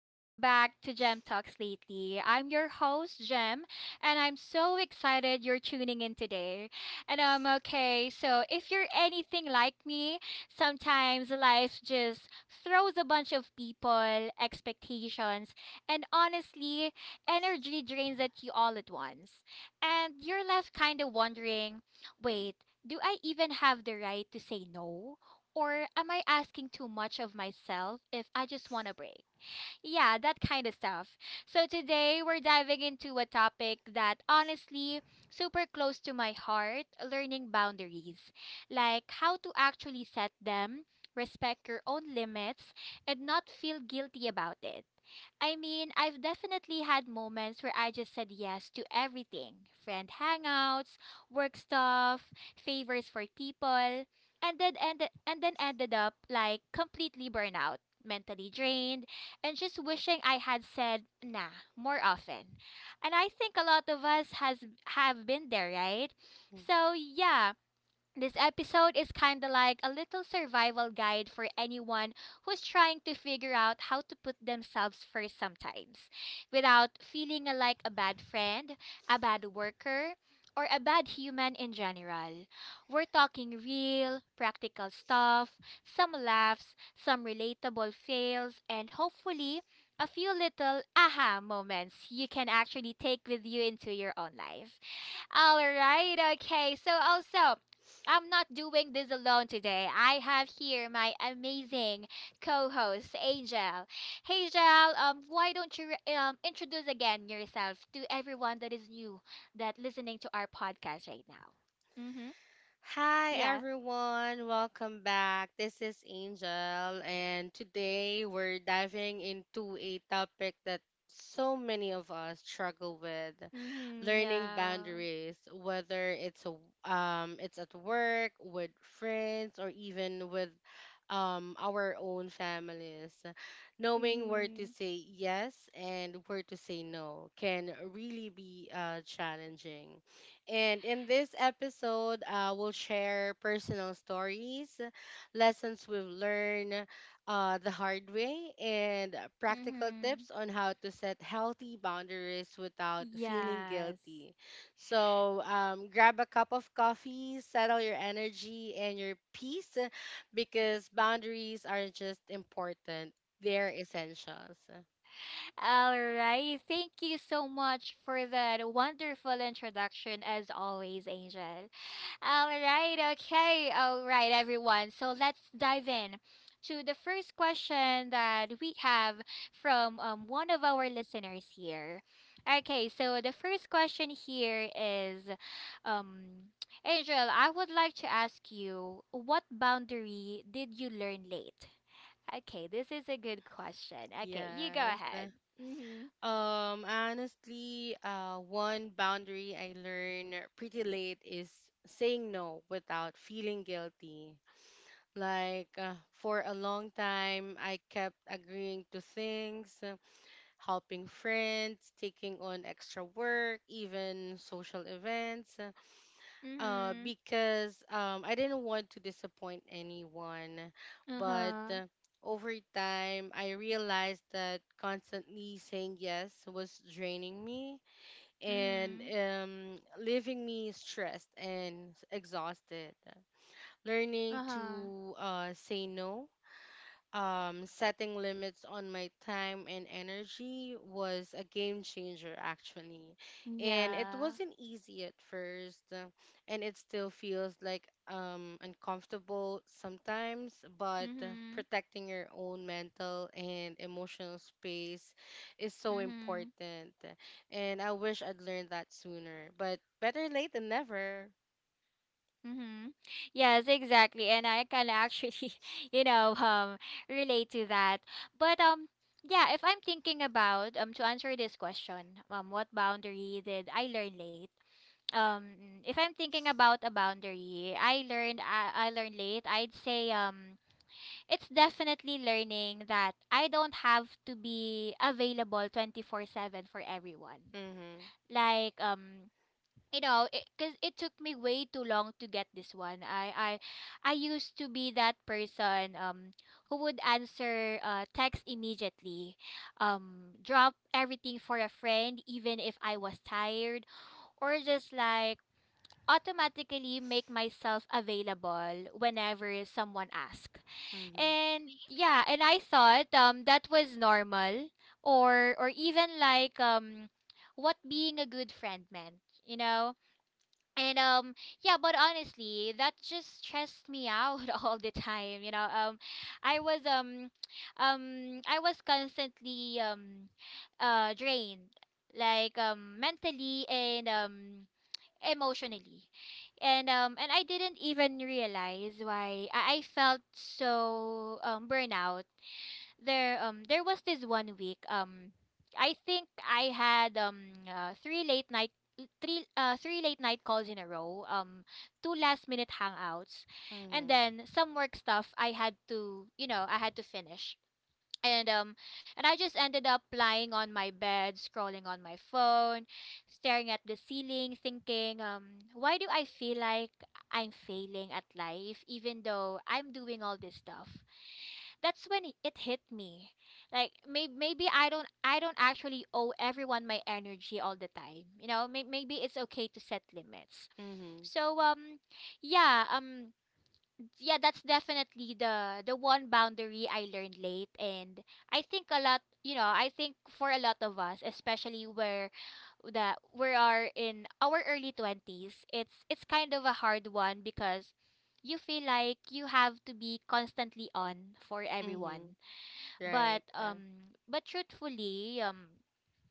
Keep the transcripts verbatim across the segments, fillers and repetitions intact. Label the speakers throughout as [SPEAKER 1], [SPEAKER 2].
[SPEAKER 1] welcome back to Gem Talks Lately. I'm your host, Gem, and I'm so excited you're tuning in today. And I'm Okay, so if you're anything like me, sometimes life just throws a bunch of people, expectations, and honestly, energy drains at you all at once. And you're left kind of wondering, wait, do I even have the right to say no? Or am I asking too much of myself if I just want a break? Yeah, that kind of stuff. So today we're diving into a topic that honestly super close to my heart, learning boundaries. Like how to actually set them, respect your own limits and not feel guilty about it. I mean, I've definitely had moments where I just said yes to everything, friend hangouts, work stuff, favors for people, and then ended, and then ended up like completely burnout, mentally drained, and just wishing I had said nah more often. And I think a lot of us has have been there, right?
[SPEAKER 2] Mm.
[SPEAKER 1] So, yeah, this episode is kind of like a little survival guide for anyone who's trying to figure out how to put themselves first sometimes without feeling like a bad friend, a bad worker, or a bad human in general. We're talking real, practical stuff, some laughs, some relatable fails, and hopefully a few little aha moments you can actually take with you into your own life. All right, okay. So also, I'm not doing this alone today. I have here my amazing co-host, Angel. Hey, Angel, um, why don't you re- um introduce again yourself to everyone that is new that listening to our podcast right now? Mm-hmm.
[SPEAKER 2] Hi
[SPEAKER 1] Yeah.
[SPEAKER 2] everyone, welcome back. This is Angel, and today we're diving into a topic that so many of us struggle with
[SPEAKER 1] Mm-hmm.
[SPEAKER 2] learning
[SPEAKER 1] Yeah.
[SPEAKER 2] boundaries whether it's a, um it's at work with friends or even with um our own families knowing where to
[SPEAKER 1] Mm-hmm.
[SPEAKER 2] say yes and where to say no can really be uh challenging. And in this episode, uh, we'll share personal stories, lessons we've learned uh, the hard way, and practical
[SPEAKER 1] Mm-hmm.
[SPEAKER 2] tips on how to set healthy boundaries without feeling
[SPEAKER 1] Yes.
[SPEAKER 2] guilty. So um, grab a cup of coffee, settle your energy and your peace because boundaries aren't just important, they're essentials.
[SPEAKER 1] All right. Thank you so much for that wonderful introduction, as always, Angel. All right. Okay. All right, everyone. So let's dive in to the first question that we have from um, one of our listeners here. Okay. So the first question here is, um, Angel, I would like to ask you, what boundary did you learn late? Okay, this is a good question. Okay, you go ahead.
[SPEAKER 2] Yes.
[SPEAKER 1] Mhm.
[SPEAKER 2] Um, honestly, uh, one boundary I learned pretty late is saying no without feeling guilty. Like, uh, for a long time, I kept agreeing to things, uh, helping friends, taking on extra work, even social events, uh,
[SPEAKER 1] Mm-hmm.
[SPEAKER 2] because um, I didn't want to disappoint anyone. But
[SPEAKER 1] Uh-huh.
[SPEAKER 2] uh, over time, I realized that constantly saying yes was draining me and
[SPEAKER 1] Mm-hmm.
[SPEAKER 2] um, leaving me stressed and exhausted. Learning
[SPEAKER 1] Uh-huh.
[SPEAKER 2] to uh, say no, um, setting limits on my time and energy was a game changer, actually. And it
[SPEAKER 1] Yeah.
[SPEAKER 2] wasn't easy at first, uh, and it still feels like um, uncomfortable sometimes, but uh,
[SPEAKER 1] Mm-hmm.
[SPEAKER 2] protecting your own mental and emotional space is so
[SPEAKER 1] Mm-hmm.
[SPEAKER 2] important. And I wish I'd learned that sooner, but better late than never.
[SPEAKER 1] Mm-hmm. Yes, exactly. And I can actually, you know, um relate to that. But um yeah, if I'm thinking about, um to answer this question, um what boundary did I learn late? Um if I'm thinking about a boundary I learned I, I learned late, I'd say um it's definitely learning that I don't have to be available twenty-four seven for everyone.
[SPEAKER 2] Mm hmm.
[SPEAKER 1] Like, um you know, because it, 'cause it took me way too long to get this one. I I I used to be that person um who would answer uh, text immediately, um drop everything for a friend even if I was tired, or just like automatically make myself available whenever someone asks.
[SPEAKER 2] Mm hmm.
[SPEAKER 1] And yeah, and I thought um that was normal, or or even like um what being a good friend meant, you know? And um yeah, but honestly, that just stressed me out all the time, you know. Um I was um um I was constantly um uh drained, like um mentally and um emotionally. And um and I didn't even realize why i, I felt so um burnout. There um there was this one week, um I think I had um uh, three late night three uh three late night calls in a row, um two last minute hangouts,
[SPEAKER 2] Mm hmm.
[SPEAKER 1] and then some work stuff I had to, you know i had to finish. And um and I just ended up lying on my bed, scrolling on my phone, staring at the ceiling, thinking, um, why do I feel like I'm failing at life even though I'm doing all this stuff? That's when it it hit me. Like, may- maybe I don't, I don't actually owe everyone my energy all the time. You know, may- maybe it's okay to set limits.
[SPEAKER 2] Mm hmm.
[SPEAKER 1] So um yeah, um yeah, that's definitely the the one boundary I learned late. And I think a lot, you know, I think for a lot of us, especially where that we are in our early twenties, it's it's kind of a hard one because you feel like you have to be constantly on for
[SPEAKER 2] Mm hmm.
[SPEAKER 1] everyone.
[SPEAKER 2] Right.
[SPEAKER 1] But um but truthfully, um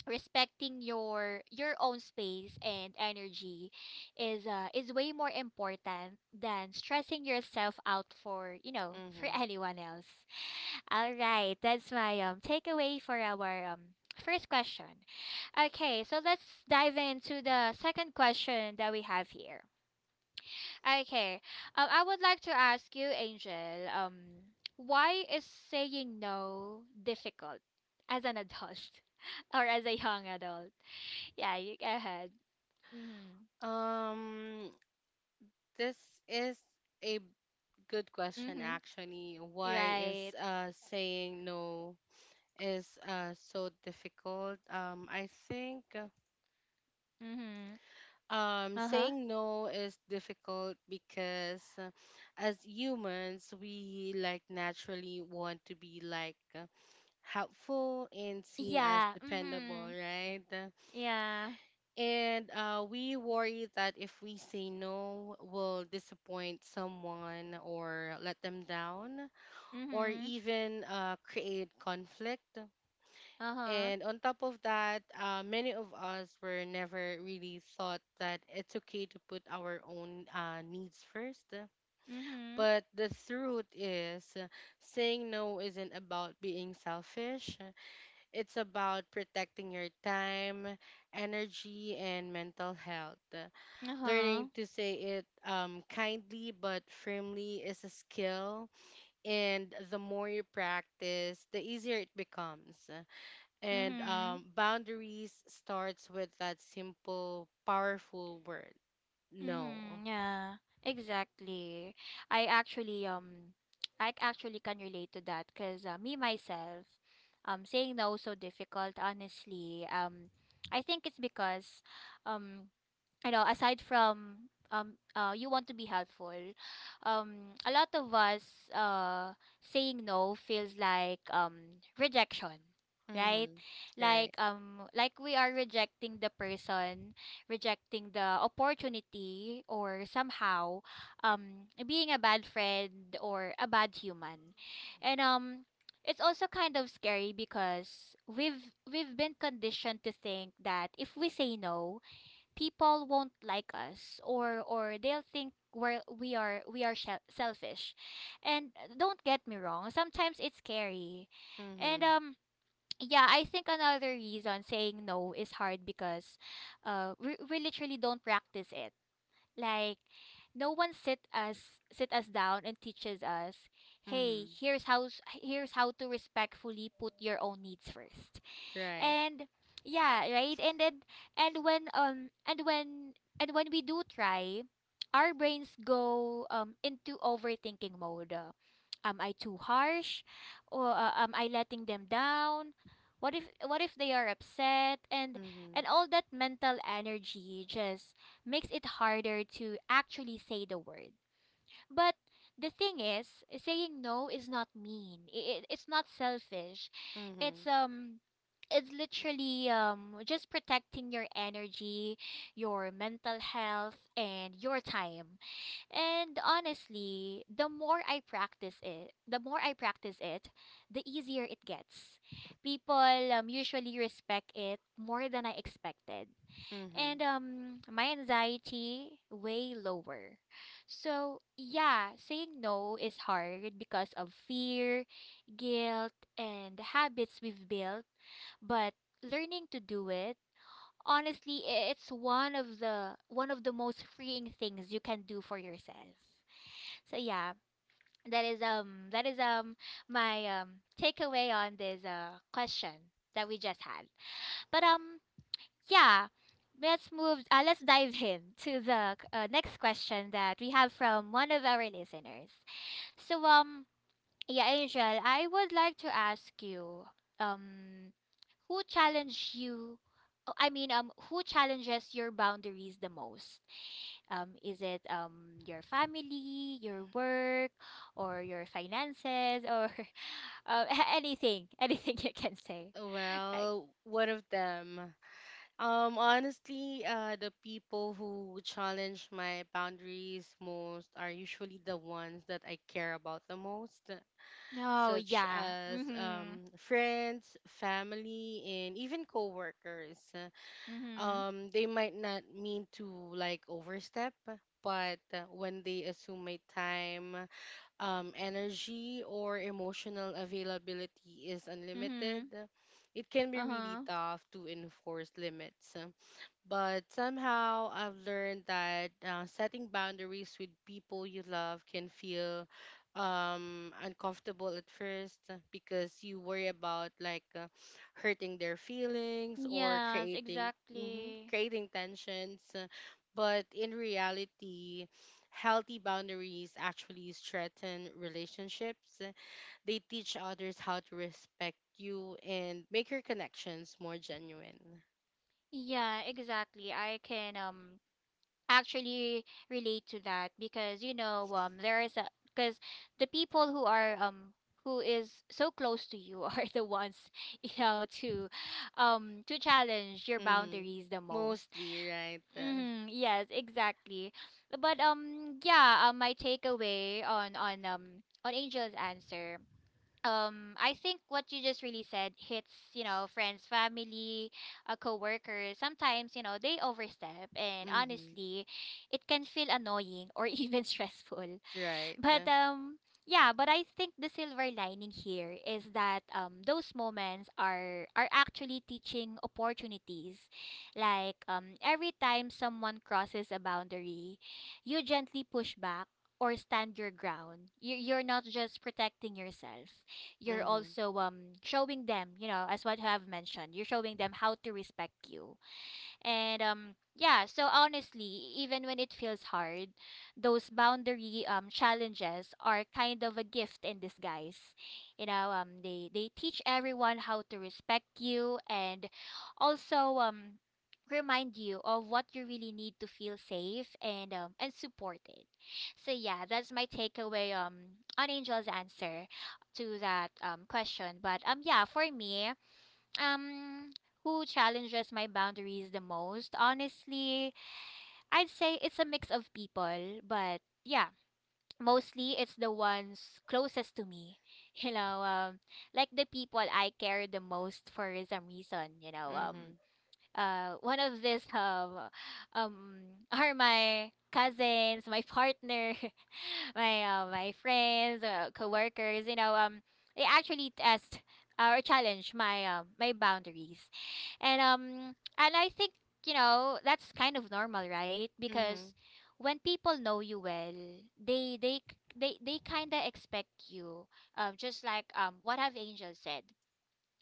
[SPEAKER 1] respecting your your own space and energy is uh is way more important than stressing yourself out for, you know
[SPEAKER 2] Mm
[SPEAKER 1] for
[SPEAKER 2] hmm.
[SPEAKER 1] anyone else. All right, that's my um takeaway for our um first question. Okay, so let's dive into the second question that we have here. Okay, um, I would like to ask you, Angel, um why is saying no difficult as an adult or as a young adult? Yeah, you go ahead. Mhm.
[SPEAKER 2] Um, this is a good question,
[SPEAKER 1] Mhm.
[SPEAKER 2] actually. Why is
[SPEAKER 1] Right.
[SPEAKER 2] uh saying no is uh so difficult? Um, I think, uh,
[SPEAKER 1] Mhm.
[SPEAKER 2] um
[SPEAKER 1] Uh-huh.
[SPEAKER 2] saying no is difficult because, uh, as humans we like naturally want to be like, uh, helpful and seen as
[SPEAKER 1] Yeah.
[SPEAKER 2] dependable,
[SPEAKER 1] Mhm.
[SPEAKER 2] right?
[SPEAKER 1] Yeah.
[SPEAKER 2] And uh, we worry that if we say no, we'll disappoint someone or let them down, or
[SPEAKER 1] Mhm.
[SPEAKER 2] even uh, create conflict.
[SPEAKER 1] Uh-huh.
[SPEAKER 2] And on top of that, uh, many of us were never really thought that it's okay to put our own uh, needs first.
[SPEAKER 1] Mhm.
[SPEAKER 2] But the truth is, uh, saying no isn't about being selfish. It's about protecting your time, energy, and mental health. Learning
[SPEAKER 1] Uh-huh.
[SPEAKER 2] to say it um, kindly but firmly is a skill, and the more you practice, the easier it becomes. And
[SPEAKER 1] Mhm.
[SPEAKER 2] um, boundaries starts with that simple, powerful word, no.
[SPEAKER 1] Mhm. Yeah. Exactly. I actually um I actually can relate to that, cuz uh, me myself, um saying no is so difficult honestly. Um I think it's because, um you know, aside from, um uh you want to be helpful, um a lot of us, uh saying no feels like um rejection, right?
[SPEAKER 2] Mm-hmm.
[SPEAKER 1] Like
[SPEAKER 2] Right.
[SPEAKER 1] um like we are rejecting the person, rejecting the opportunity, or somehow um being a bad friend or a bad human. And um it's also kind of scary because we've we've been conditioned to think that if we say no, people won't like us, or or they'll think we're we are we are shel- selfish. And don't get me wrong, sometimes it's scary. and
[SPEAKER 2] Mm-hmm.
[SPEAKER 1] um yeah, I think another reason saying no is hard because uh we, we literally don't practice it. Like, no one sit us sit us down and teaches us, hey,
[SPEAKER 2] Mm-hmm.
[SPEAKER 1] here's how s- here's how to respectfully put your own needs first.
[SPEAKER 2] Right.
[SPEAKER 1] And yeah, right. And then and when um and when and when we do try, our brains go um into overthinking mode. Uh, am I too harsh, or uh, am I letting them down? What if what if they are upset? And and
[SPEAKER 2] Mm-hmm.
[SPEAKER 1] all that mental energy just makes it harder to actually say the word. But the thing is, saying no is not mean. It, it's not selfish. It's
[SPEAKER 2] Mm-hmm.
[SPEAKER 1] um it's literally um just protecting your energy, your mental health, and your time. And honestly, the more I practice it, the more I practice it, the easier it gets. People um usually respect it more than I expected,
[SPEAKER 2] Mm-hmm.
[SPEAKER 1] and um my anxiety way lower. So, yeah, saying no is hard because of fear, guilt, and the habits we've built, but learning to do it, honestly, i- it's one of the one of the most freeing things you can do for yourself. So yeah, that is um that is um my um takeaway on this uh question that we just had. But um yeah, let's move. Uh, let's dive in to the uh, next question that we have from one of our listeners. So, um, yeah, Angel, I would like to ask you, um, who challenged you? Oh, I mean, um, who challenges your boundaries the most? Um, is it um your family, your work, or your finances, or uh, anything, anything you can say?
[SPEAKER 2] Well, one of them. Um, honestly, uh, the people who challenge my boundaries most are usually the ones that I care about the most,
[SPEAKER 1] No,
[SPEAKER 2] such
[SPEAKER 1] yeah.
[SPEAKER 2] as
[SPEAKER 1] Mm-hmm.
[SPEAKER 2] um, friends, family, and even coworkers.
[SPEAKER 1] Mm-hmm.
[SPEAKER 2] Um, they might not mean to like overstep, but uh, when they assume my time, um, energy, or emotional availability is unlimited,
[SPEAKER 1] Mm-hmm.
[SPEAKER 2] it can be really
[SPEAKER 1] Uh-huh.
[SPEAKER 2] tough to enforce limits. But somehow I've learned that uh, setting boundaries with people you love can feel um, uncomfortable at first, uh, because you worry about like, uh, hurting their feelings or
[SPEAKER 1] Yes,
[SPEAKER 2] creating mhm,
[SPEAKER 1] exactly.
[SPEAKER 2] creating tensions. Uh, But in reality, healthy boundaries actually strengthen relationships. Uh, They teach others how to respect you and make your connections more genuine.
[SPEAKER 1] Yeah, exactly. I can um actually relate to that because you know um there is a because the people who are um who is so close to you are the ones you know to um to challenge your
[SPEAKER 2] Mm-hmm.
[SPEAKER 1] boundaries the most.
[SPEAKER 2] Mostly, right? Uh,
[SPEAKER 1] Mm-hmm. Yes, exactly. But um yeah, um, my takeaway on on um on Angel's answer, um I think what you just really said hits. You know, friends, family, a coworker. Sometimes, you know, they overstep, and
[SPEAKER 2] mm-hmm.
[SPEAKER 1] honestly, it can feel annoying or even stressful.
[SPEAKER 2] Right. Uh,
[SPEAKER 1] but um yeah, but I think the silver lining here is that um those moments are are actually teaching opportunities. Like, um every time someone crosses a boundary, you gently push back or stand your ground. You you're not just protecting yourself. You're
[SPEAKER 2] mm-hmm.
[SPEAKER 1] also um showing them, you know, as what you have mentioned, you're showing them how to respect you. And um yeah, so honestly, even when it feels hard, those boundary um challenges are kind of a gift in disguise. You know, um they they teach everyone how to respect you, and also um remind you of what you really need to feel safe and um and supported. So yeah, that's my takeaway um on Angel's answer to that um question. But um yeah, for me, um, who challenges my boundaries the most? Honestly, I'd say it's a mix of people, but yeah, mostly it's the ones closest to me. You know, um, like the people I care the most for some reason. You know, um,
[SPEAKER 2] Mm-hmm.
[SPEAKER 1] uh one of this um um are my cousins, my partner, my uh, my friends, uh, coworkers, you know, um they actually test, uh, or challenge my um my boundaries. And um and I think, you know, that's kind of normal, right? Because
[SPEAKER 2] Mm-hmm.
[SPEAKER 1] when people know you well, they they c- they they kind of expect you um just like um what have Angel said.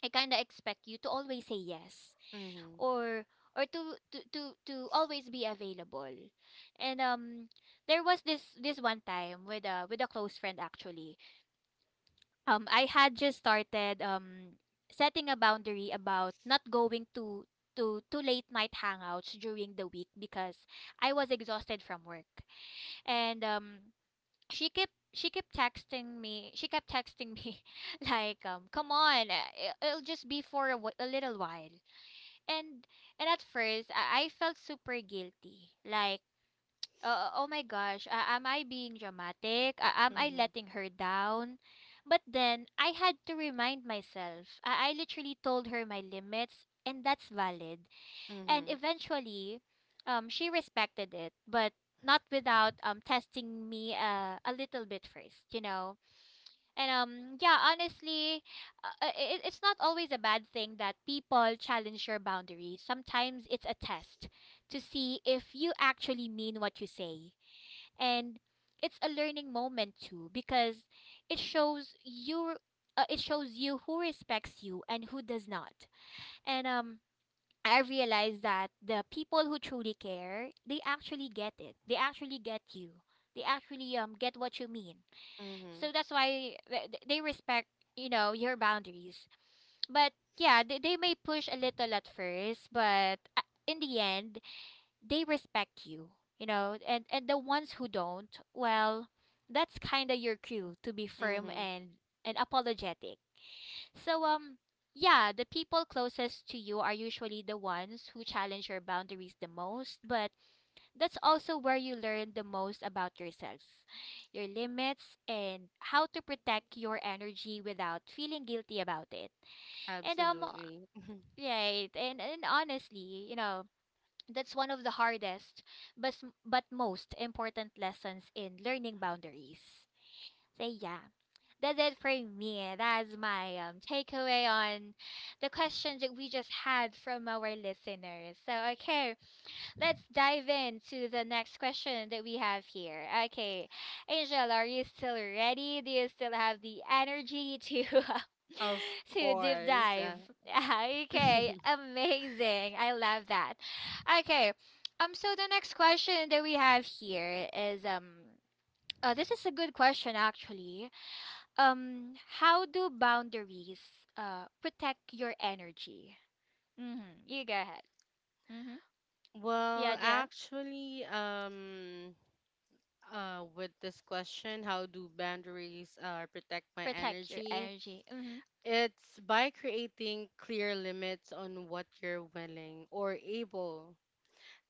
[SPEAKER 1] I kind of expect you to always say yes
[SPEAKER 2] Mm-hmm.
[SPEAKER 1] or or to to to, to always be available. And um there was this this one time with a with a close friend actually. Um I had just started um setting a boundary about not going to to to late night hangouts during the week because I was exhausted from work. And um she kept she kept texting me she kept texting me like um come on, uh, it- it'll just be for a, wh- a little while and and at first I, I felt super guilty like, uh, oh my gosh, uh, am I being dramatic, uh, am I
[SPEAKER 2] Mm-hmm.
[SPEAKER 1] letting her down? But then I had to remind myself, I, I literally told her my limits and that's valid. And
[SPEAKER 2] Mm-hmm.
[SPEAKER 1] eventually um she respected it, but not without um testing me uh, a little bit first, you know. And um, yeah, honestly, uh, uh, i- it's not always a bad thing that people challenge your boundaries. Sometimes it's a test to see if you actually mean what you say. And it's a learning moment too because it shows you, uh, it shows you who respects you and who does not. And um I realize that the people who truly care, they actually get it. They actually get you. They actually um get what you mean, so
[SPEAKER 2] Mm-hmm.
[SPEAKER 1] that's why th- th- they respect, you know, your boundaries. But yeah, they, they may push a little at first, but uh, in the end, they respect you, you know. And and the ones who don't, well, that's kind of your cue to be firm
[SPEAKER 2] Mm-hmm.
[SPEAKER 1] and and apologetic. So um yeah, the people closest to you are usually the ones who challenge your boundaries the most, but that's also where you learn the most about yourself, your limits, and how to protect your energy without feeling guilty about it. And um
[SPEAKER 2] Absolutely.
[SPEAKER 1] right, and, and honestly, you know, that's one of the hardest but s- but most important lessons in learning boundaries. So yeah, that's it for me. That's my um takeaway on the question that we just had from our listeners. So okay, let's dive into the next question that we have here. Okay, Angel, are you still ready? Do you still have the energy to
[SPEAKER 2] Of
[SPEAKER 1] to deep
[SPEAKER 2] course.
[SPEAKER 1] dive?
[SPEAKER 2] Uh,
[SPEAKER 1] Okay, amazing. I love that. Okay, um, so the next question that we have here is, um, uh, this is a good question actually. Um, how do boundaries uh protect your energy? Mm-hmm. You go ahead. Mm-hmm.
[SPEAKER 2] well,
[SPEAKER 1] Yeah.
[SPEAKER 2] actually, um, uh, with this question, how do boundaries uh, protect my
[SPEAKER 1] Protect your
[SPEAKER 2] energy?
[SPEAKER 1] energy. Mhm.
[SPEAKER 2] It's by creating clear limits on what you're willing or able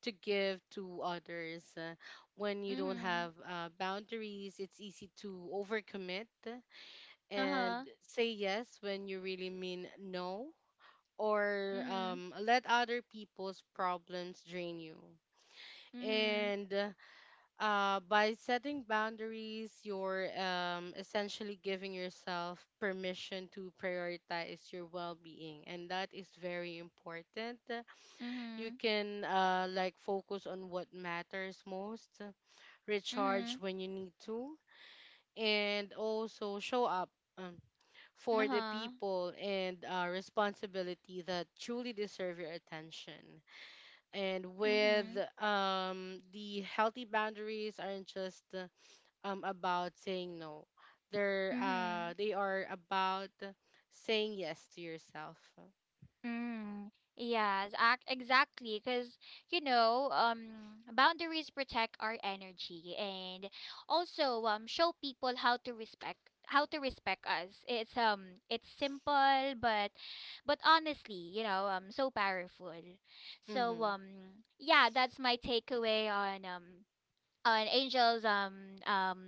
[SPEAKER 2] to give to others. Uh, when you don't
[SPEAKER 1] Mhm.
[SPEAKER 2] have uh, boundaries, it's easy to overcommit and
[SPEAKER 1] Uh-huh.
[SPEAKER 2] say yes when you really mean no, or
[SPEAKER 1] Mhm.
[SPEAKER 2] um, let other people's problems drain you.
[SPEAKER 1] Mhm.
[SPEAKER 2] And uh, by setting boundaries, you're um, essentially giving yourself permission to prioritize your well being. And that is very important. You
[SPEAKER 1] Mhm.
[SPEAKER 2] can uh, like focus on what matters most, recharge
[SPEAKER 1] Mhm.
[SPEAKER 2] when you need to, and also show up um, for the
[SPEAKER 1] Uh-huh.
[SPEAKER 2] people and uh, responsibility that truly deserve your attention. And with
[SPEAKER 1] Mhm.
[SPEAKER 2] um, the healthy boundaries aren't just uh, um, about saying no. They're uh,
[SPEAKER 1] Mhm.
[SPEAKER 2] they are about saying yes to yourself.
[SPEAKER 1] Mhm. Yes, act exactly because you know, um boundaries protect our energy and also um show people how to respect how to respect us. It's um it's simple but but honestly, you know, um so powerful. So
[SPEAKER 2] Mhm.
[SPEAKER 1] um yeah, that's my takeaway on um on Angel's um um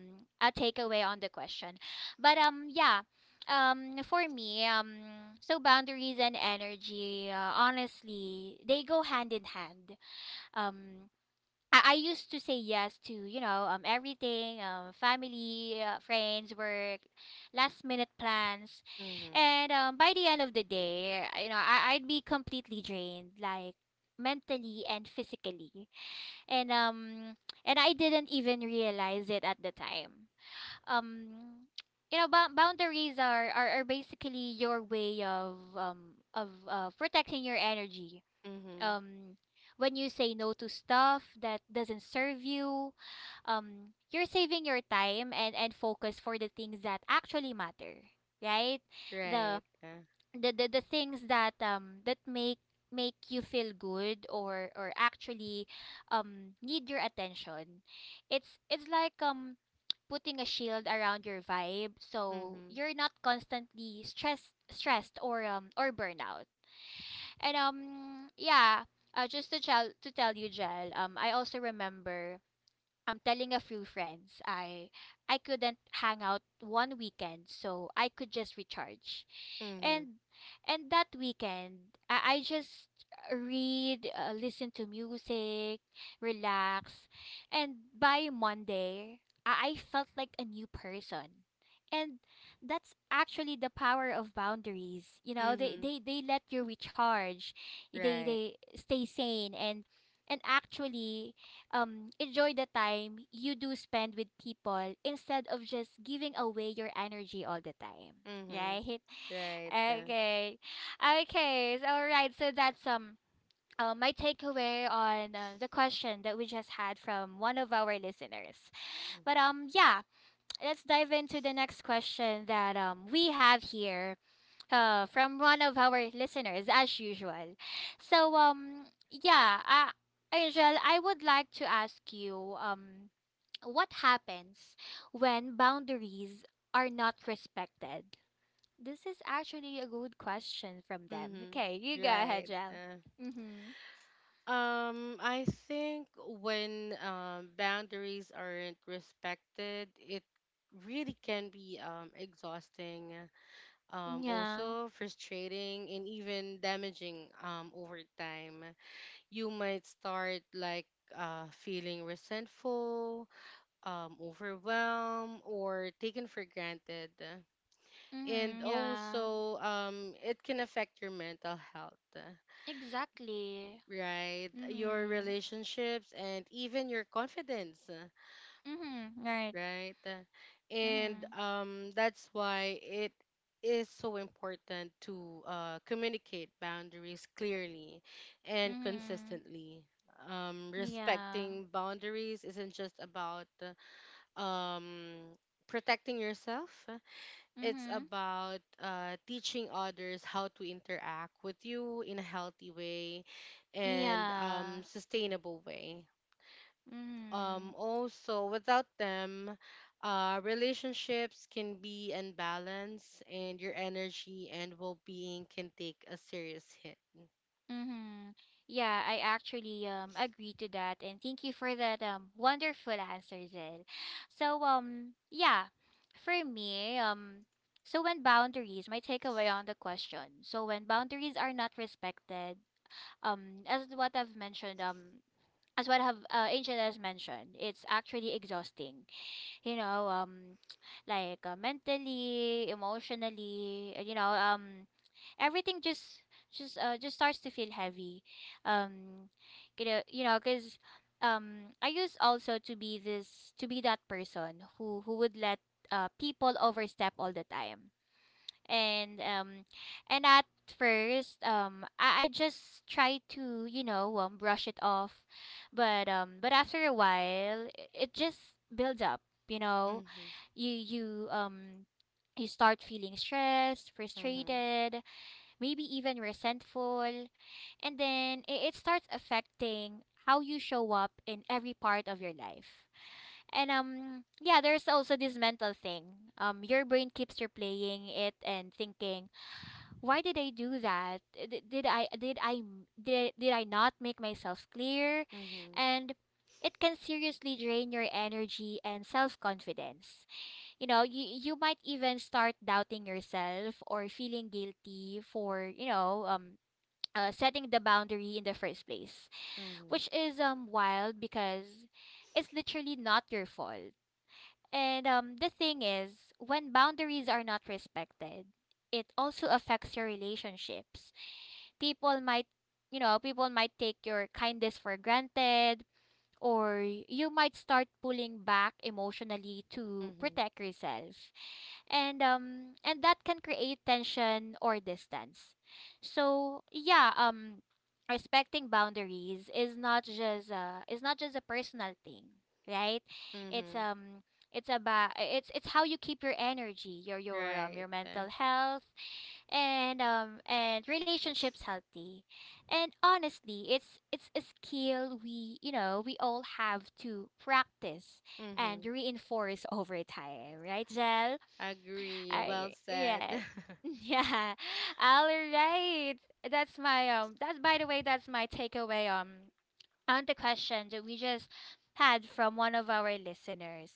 [SPEAKER 1] a takeaway on the question. But um yeah, um for me, um so boundaries and energy, uh, honestly they go hand in hand. Um I, I used to say yes to, you know, um everything, um family, uh, friends, work, last minute plans,
[SPEAKER 2] Mhm.
[SPEAKER 1] and um by the end of the day, you know, I, I'd be completely drained, like mentally and physically. And um and I didn't even realize it at the time. Um you know, bou- boundaries are, are are basically your way of um of uh, protecting your energy.
[SPEAKER 2] Mhm.
[SPEAKER 1] Um when you say no to stuff that doesn't serve you, um you're saving your time and and focus for the things that actually matter, right? The
[SPEAKER 2] Right. Uh,
[SPEAKER 1] the the, the things that um that make make you feel good or or actually um need your attention. it's it's like um putting a shield around your vibe so
[SPEAKER 2] Mm-hmm.
[SPEAKER 1] you're not constantly stressed stressed or um or burnout. And um yeah, uh, just to tell to tell you, Jel, um I also remember I'm telling a few friends I I couldn't hang out one weekend, so I could just recharge.
[SPEAKER 2] Mm-hmm.
[SPEAKER 1] And and that weekend, I, I just read, uh, listen to music, relax, and by Monday, I, I felt like a new person. And that's actually the power of boundaries. You know, they,
[SPEAKER 2] Mm-hmm.
[SPEAKER 1] they, they let you recharge. They
[SPEAKER 2] Right.
[SPEAKER 1] they stay sane and and actually um enjoy the time you do spend with people instead of just giving away your energy all the time,
[SPEAKER 2] Mm-hmm.
[SPEAKER 1] right?
[SPEAKER 2] Right. Uh,
[SPEAKER 1] Okay, okay, so, all right, so that's um uh, my takeaway on, uh, the question that we just had from one of our listeners. But um yeah, let's dive into the next question that um we have here, uh, from one of our listeners, as usual. So, um, yeah, uh, Angel, I would like to ask you, um, what happens when boundaries are not respected? This is actually a good question from them.
[SPEAKER 2] mm-hmm.
[SPEAKER 1] Okay, you go
[SPEAKER 2] Right.
[SPEAKER 1] ahead, Angel.
[SPEAKER 2] Uh,
[SPEAKER 1] Mm-hmm.
[SPEAKER 2] um, I think when um, boundaries aren't respected, it really can be um, exhausting, uh, um,
[SPEAKER 1] Yeah.
[SPEAKER 2] also frustrating, and even damaging um, over time. You might start like, uh, feeling resentful, um, overwhelmed, or taken for granted. and
[SPEAKER 1] Mm-hmm. Yeah.
[SPEAKER 2] also um it can affect your mental health, uh,
[SPEAKER 1] Exactly.
[SPEAKER 2] right, your
[SPEAKER 1] Mm-hmm.
[SPEAKER 2] relationships and even your confidence, uh,
[SPEAKER 1] Mm-hmm. Right.
[SPEAKER 2] right. Uh, and
[SPEAKER 1] Mm-hmm.
[SPEAKER 2] um that's why it is so important to uh, communicate boundaries clearly and
[SPEAKER 1] Mm-hmm.
[SPEAKER 2] consistently. um,
[SPEAKER 1] Yeah.
[SPEAKER 2] respecting boundaries isn't just about uh, um, protecting yourself. It's
[SPEAKER 1] Mm-hmm.
[SPEAKER 2] about uh, teaching others how to interact with you in a healthy way and
[SPEAKER 1] Yeah.
[SPEAKER 2] um, sustainable way.
[SPEAKER 1] Mm-hmm.
[SPEAKER 2] Um, also, without them, uh, relationships can be unbalanced and your energy and well being can take a serious hit.
[SPEAKER 1] Mm-hmm. Yeah, I actually um agree to that and thank you for that um wonderful answer, Jill. So um yeah, for me, um so when boundaries, my takeaway on the question. So when boundaries are not respected, um as what I've mentioned, um as what have, uh, Angel has mentioned, it's actually exhausting. You know, um like, uh, mentally, emotionally, uh, you know, um everything just just uh, just starts to feel heavy. um you know, you know, because um I used also to be this to be that person who who would let, uh, people overstep all the time. And um and at first um I, I just try to, you know, um brush it off, but um but after a while i- it just builds up, you know.
[SPEAKER 2] Mm-hmm,
[SPEAKER 1] You you um you start feeling stressed,
[SPEAKER 2] mm-hmm,
[SPEAKER 1] frustrated, maybe even resentful, and then it, it starts affecting how you show up in every part of your life. And um yeah, there's also this mental thing. Um your brain keeps replaying it and thinking, why did I do that? Did, did I did I m- did, did I not make myself clear?
[SPEAKER 2] mm-hmm,
[SPEAKER 1] And it can seriously drain your energy and self-confidence. You know, you you might even start doubting yourself or feeling guilty for, you know, um uh, setting the boundary in the first place,
[SPEAKER 2] mm-hmm,
[SPEAKER 1] which is um wild because it's literally not your fault. And um, the thing is, when boundaries are not respected, it also affects your relationships. People might, you know, people might take your kindness for granted, or you might start pulling back emotionally to
[SPEAKER 2] mm-hmm,
[SPEAKER 1] protect yourself. And um and that can create tension or distance. So yeah, um respecting boundaries is not just uh is not just a personal thing, right? It's
[SPEAKER 2] mm-hmm.
[SPEAKER 1] um it's about it's it's how you keep your energy, your your um
[SPEAKER 2] Right.
[SPEAKER 1] your
[SPEAKER 2] Uh,
[SPEAKER 1] mental health and um and relationships healthy. And honestly, it's it's a skill we, you know, we all have to practice and
[SPEAKER 2] Mm-hmm.
[SPEAKER 1] reinforce over time, right, Jel?
[SPEAKER 2] Agree. Well
[SPEAKER 1] I
[SPEAKER 2] said.
[SPEAKER 1] yeah. Yeah. All right. That's my um that's, by the way, that's my takeaway um on the question that we just had from one of our listeners.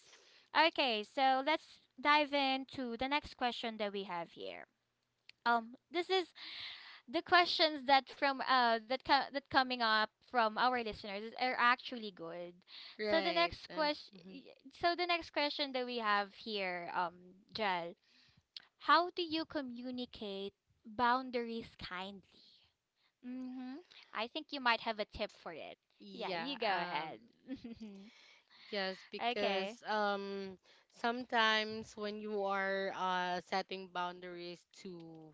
[SPEAKER 1] Okay, so let's dive into the next question that we have here. Um this is the questions that from uh that co- that coming up from our listeners is, are actually good. So the
[SPEAKER 2] Right.
[SPEAKER 1] next
[SPEAKER 2] Uh,
[SPEAKER 1] question,
[SPEAKER 2] Mm-hmm.
[SPEAKER 1] so the next question that we have here, um Jel, how do you communicate boundaries kindly? Mm-hmm. I think you might have a tip for it. Yeah,
[SPEAKER 2] Yeah,
[SPEAKER 1] you go
[SPEAKER 2] um,
[SPEAKER 1] ahead.
[SPEAKER 2] yes,
[SPEAKER 1] Okay.
[SPEAKER 2] because um, sometimes when you are uh, setting boundaries to,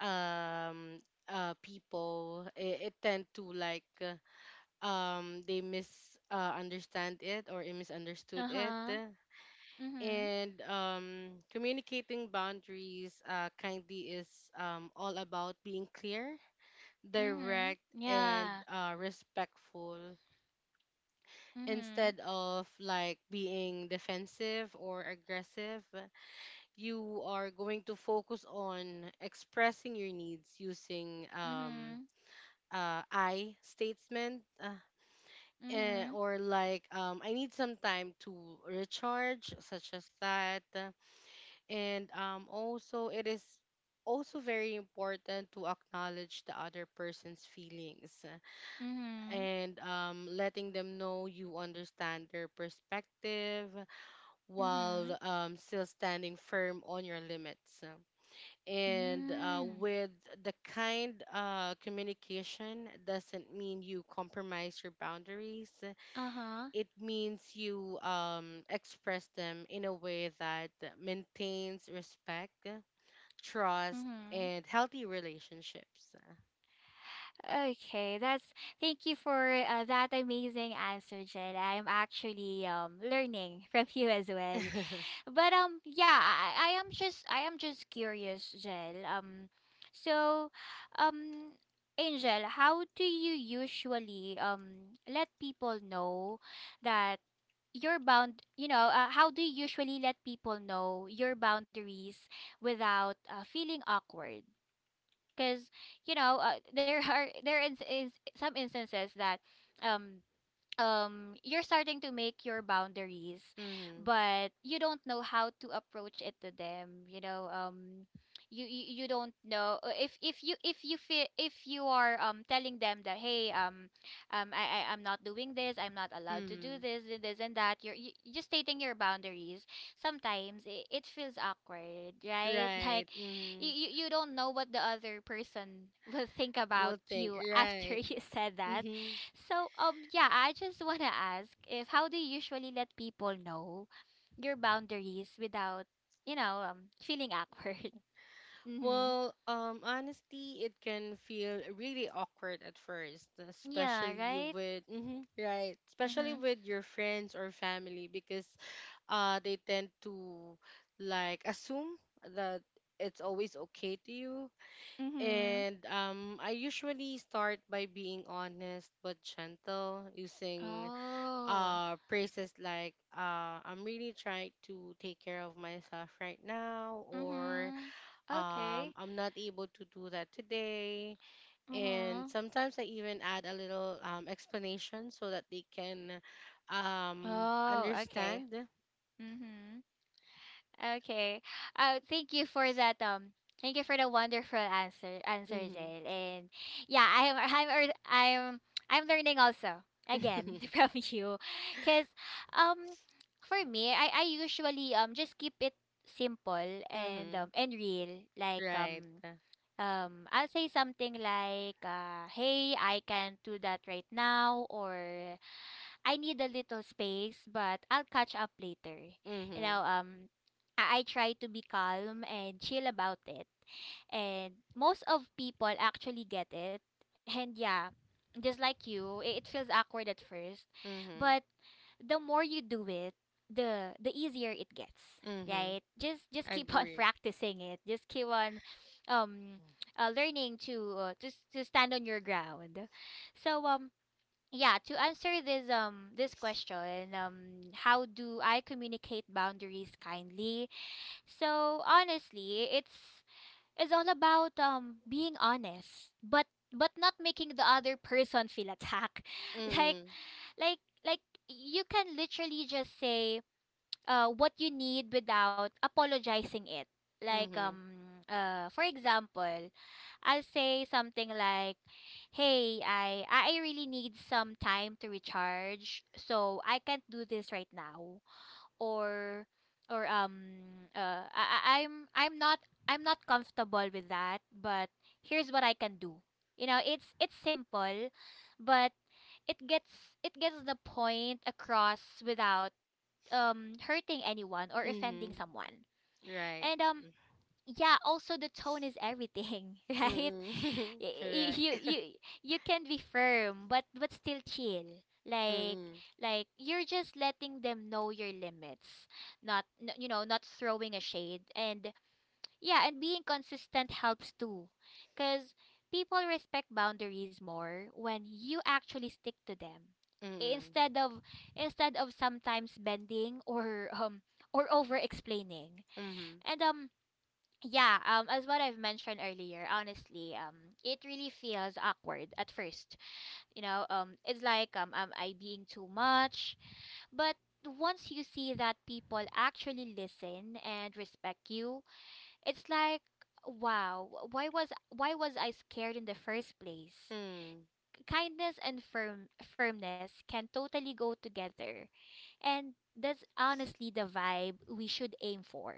[SPEAKER 2] um, uh, people, it, it tend to like, uh, um, they misunderstand it or it misunderstood
[SPEAKER 1] Uh
[SPEAKER 2] it.
[SPEAKER 1] huh. Mm-hmm.
[SPEAKER 2] And um, communicating boundaries uh, kindly is um, all about being clear,
[SPEAKER 1] Mm-hmm.
[SPEAKER 2] direct, and
[SPEAKER 1] Yeah.
[SPEAKER 2] uh, respectful.
[SPEAKER 1] Mm-hmm.
[SPEAKER 2] Instead of like being defensive or aggressive, you are going to focus on expressing your needs using um
[SPEAKER 1] Mm-hmm.
[SPEAKER 2] uh I statement, uh, eh,
[SPEAKER 1] Mm-hmm.
[SPEAKER 2] or like, um I need some time to recharge, such as that. And um also it is also very important to acknowledge the other person's feelings
[SPEAKER 1] Mm-hmm.
[SPEAKER 2] and, um, letting them know you understand their perspective
[SPEAKER 1] Mm-hmm.
[SPEAKER 2] while, um, still standing firm on your limits. And uh,
[SPEAKER 1] Mm.
[SPEAKER 2] with the kind uh, communication doesn't mean you compromise your boundaries.
[SPEAKER 1] Uh-huh.
[SPEAKER 2] It means you um, express them in a way that maintains respect, trust,
[SPEAKER 1] Mm-hmm.
[SPEAKER 2] and healthy relationships.
[SPEAKER 1] Okay, that's thank you for, uh, that amazing answer, Jed. I'm actually um learning from you as well.
[SPEAKER 2] Mm-hmm.
[SPEAKER 1] But um yeah, I, I am just I am just curious, Jel. Um so um Angel, how do you usually um let people know that you're bound, you know, uh, how do you usually let people know your boundaries without, uh, feeling awkward? Cuz you know, uh, there are there is, is some instances that um um you're starting to make your boundaries, but you don't know how to approach it to them, you know. um you you, you don't know uh, if if you if you feel if you are um telling them that, hey, um um I, I i'm not doing this, I'm not allowed to do
[SPEAKER 2] Mm-hmm.
[SPEAKER 1] this and this and that. You're you, just stating your boundaries. Sometimes it, it feels awkward, right? Like
[SPEAKER 2] Right.
[SPEAKER 1] you,
[SPEAKER 2] Mm-hmm.
[SPEAKER 1] you you don't know what the other person will think about
[SPEAKER 2] Well, think.
[SPEAKER 1] you after
[SPEAKER 2] Right.
[SPEAKER 1] you said that.
[SPEAKER 2] Mm-hmm.
[SPEAKER 1] So, um, yeah, I just want to ask, if how do you usually let people know your boundaries without, you know, um, feeling awkward? Mm-hmm.
[SPEAKER 2] Well, um, honestly, it can feel really awkward at first,
[SPEAKER 1] Yeah,
[SPEAKER 2] especially
[SPEAKER 1] right?
[SPEAKER 2] with hmm right, especially
[SPEAKER 1] Mm-hmm.
[SPEAKER 2] with your friends or family because uh they tend to like assume that it's always okay to you.
[SPEAKER 1] Mm-hmm.
[SPEAKER 2] And um, I usually start by being honest but gentle, using
[SPEAKER 1] Oh.
[SPEAKER 2] uh phrases like, uh I'm really trying to take care of myself right now, or
[SPEAKER 1] Mm-hmm. Okay.
[SPEAKER 2] um i'm not able to do that today. And
[SPEAKER 1] Mm-hmm.
[SPEAKER 2] sometimes i even add a little um, explanation so that they can um
[SPEAKER 1] Oh, okay.
[SPEAKER 2] understand.
[SPEAKER 1] Mm-hmm. Okay. Uh, thank you for that. Um, thank you for the wonderful answer, answer,
[SPEAKER 2] Mm-hmm.
[SPEAKER 1] Jail. And yeah, I'm, I'm, ear- I'm, I'm learning also again from you, cause um, for me, I, I usually um just keep it simple and
[SPEAKER 2] Mm-hmm.
[SPEAKER 1] um and real. Like
[SPEAKER 2] Right.
[SPEAKER 1] um um I'll say something like, uh, hey, I can't do that right now, or I need a little space, but I'll catch up later. You
[SPEAKER 2] Mm-hmm.
[SPEAKER 1] know, um, I, I try to be calm and chill about it. And most of people actually get it. And yeah, just like you, it, it feels awkward at first,
[SPEAKER 2] Mm-hmm.
[SPEAKER 1] but the more you do it, the the easier it gets,
[SPEAKER 2] Mm-hmm.
[SPEAKER 1] right? Just just keep on
[SPEAKER 2] Agree.
[SPEAKER 1] practicing it. Just keep on um uh, learning to uh, to s- to stand on your ground. So um yeah, to answer this um this question, um how do I communicate boundaries kindly? So honestly, it's it's all about um being honest but but not making the other person feel attacked. like
[SPEAKER 2] Mm-hmm.
[SPEAKER 1] like like you can literally just say uh, what you need without apologizing it. Like
[SPEAKER 2] Mm-hmm.
[SPEAKER 1] um uh for example, I'll say something like, "Hey, I I really need some time to recharge, so I can't do this right now." Or or um uh I I- I'm I'm not I'm not comfortable with that, but here's what I can do. You know, it's it's simple, but it gets it gets the point across without um hurting anyone or offending
[SPEAKER 2] Mm-hmm.
[SPEAKER 1] someone. And
[SPEAKER 2] Right.
[SPEAKER 1] um yeah, also the tone is everything, right?
[SPEAKER 2] Mm-hmm.
[SPEAKER 1] Y- y-
[SPEAKER 2] Correct.
[SPEAKER 1] you you you can be firm but but still chill, like
[SPEAKER 2] Mm-mm.
[SPEAKER 1] like you're just letting them know your limits, not n- you know, not throwing a shade. And yeah, and being consistent helps too. Because people respect boundaries more when you actually stick to them. I-
[SPEAKER 2] Mm-mm.
[SPEAKER 1] Instead of instead of sometimes bending or um or over explaining.
[SPEAKER 2] Mm-hmm.
[SPEAKER 1] And um yeah, um as what I've mentioned earlier, honestly, um it really feels awkward at first. You know, um it's like, um am I being too much? But once you see that people actually listen and respect you, it's like, wow, why was why was I scared in the first place?
[SPEAKER 2] Mm.
[SPEAKER 1] Kindness and firm firmness can totally go together. And that's honestly the vibe we should aim for.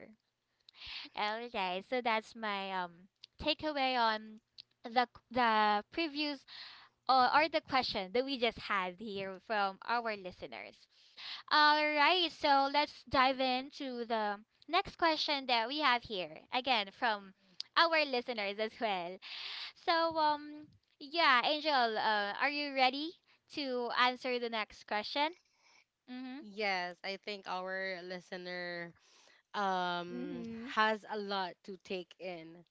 [SPEAKER 1] Okay, so that's my um takeaway on the the previews, or, or the question that we just had here from our listeners. All right, so let's dive into the next question that we have here. Again, from our listeners as well. So, um, yeah, Angel, uh, are you ready to answer the next question? Mm-hmm.
[SPEAKER 2] Yes, I think our listener um
[SPEAKER 1] Mm-hmm.
[SPEAKER 2] has a lot to take in.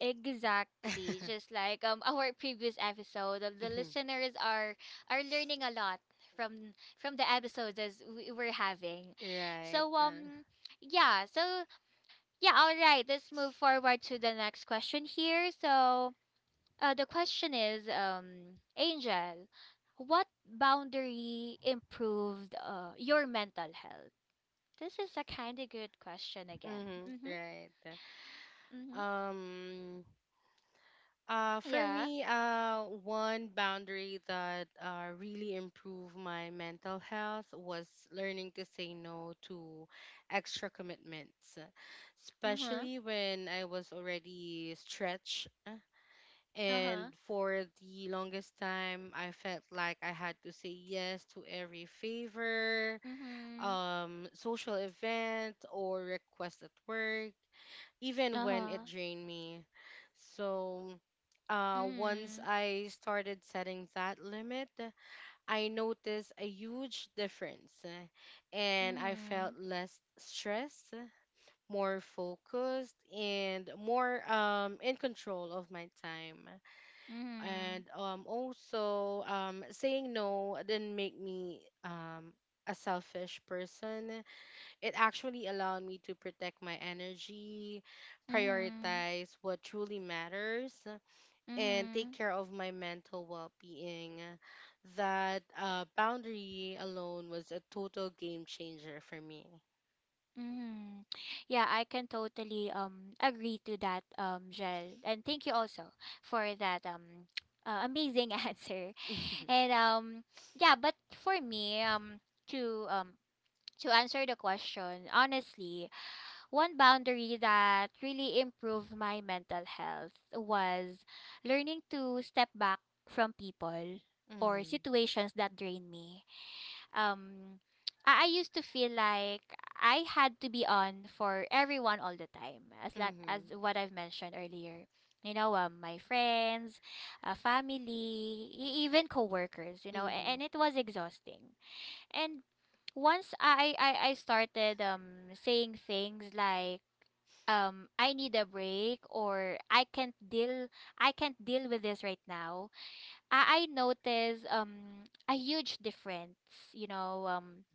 [SPEAKER 1] Exactly. Just like um our previous episode, uh, the
[SPEAKER 2] Mhm.
[SPEAKER 1] listeners are are learning a lot from from the episodes as we were having.
[SPEAKER 2] Right.
[SPEAKER 1] So
[SPEAKER 2] Uh,
[SPEAKER 1] um yeah, so yeah, all right. Let's move forward to the next question here. So, uh, the question is, um, Angel, what boundary improved uh, your mental health? This is a kind of good question again.
[SPEAKER 2] mm-hmm.
[SPEAKER 1] Mhm.
[SPEAKER 2] Right.
[SPEAKER 1] Mhm.
[SPEAKER 2] Um uh for
[SPEAKER 1] Yeah.
[SPEAKER 2] me, uh one boundary that uh really improved my mental health was learning to say no to extra commitments,
[SPEAKER 1] Mhm.
[SPEAKER 2] especially when I was already stretched.
[SPEAKER 1] Uh-huh.
[SPEAKER 2] And for the longest time, I felt like I had to say yes to every favor,
[SPEAKER 1] Mhm.
[SPEAKER 2] um, social event, or request at work, even when it
[SPEAKER 1] Uh-huh.
[SPEAKER 2] drained me. So, uh, once
[SPEAKER 1] Mhm.
[SPEAKER 2] I started setting that limit, I noticed a huge difference, eh, and I felt
[SPEAKER 1] Mhm.
[SPEAKER 2] less stressed, more focused, and more um, in control of my time.
[SPEAKER 1] Mhm.
[SPEAKER 2] And um, also, um, saying no didn't make me um, a selfish person. It actually allowed me to protect my energy,
[SPEAKER 1] Mhm.
[SPEAKER 2] prioritize what truly matters, and take
[SPEAKER 1] Mhm.
[SPEAKER 2] care of my mental well being. That uh, boundary alone was a total game changer for me.
[SPEAKER 1] Mm. Yeah, I can totally um agree to that, um Jel. And thank you also for that um uh, amazing answer. And um yeah, but for me, um to um to answer the question, honestly, one boundary that really improved my mental health was learning to step back from people or
[SPEAKER 2] Mm-hmm,
[SPEAKER 1] situations that drain me. um I, I used to feel like I had to be on for everyone all the time, as like as
[SPEAKER 2] mm-hmm,
[SPEAKER 1] what I've mentioned earlier. You know, um, my friends, uh, family, e- even coworkers, you know, a-
[SPEAKER 2] mm-hmm,
[SPEAKER 1] and it was exhausting. And once I I, I started um saying things like, um I need a break, or I can't deal I can't deal with this right now, I, I noticed um a huge difference. You know, um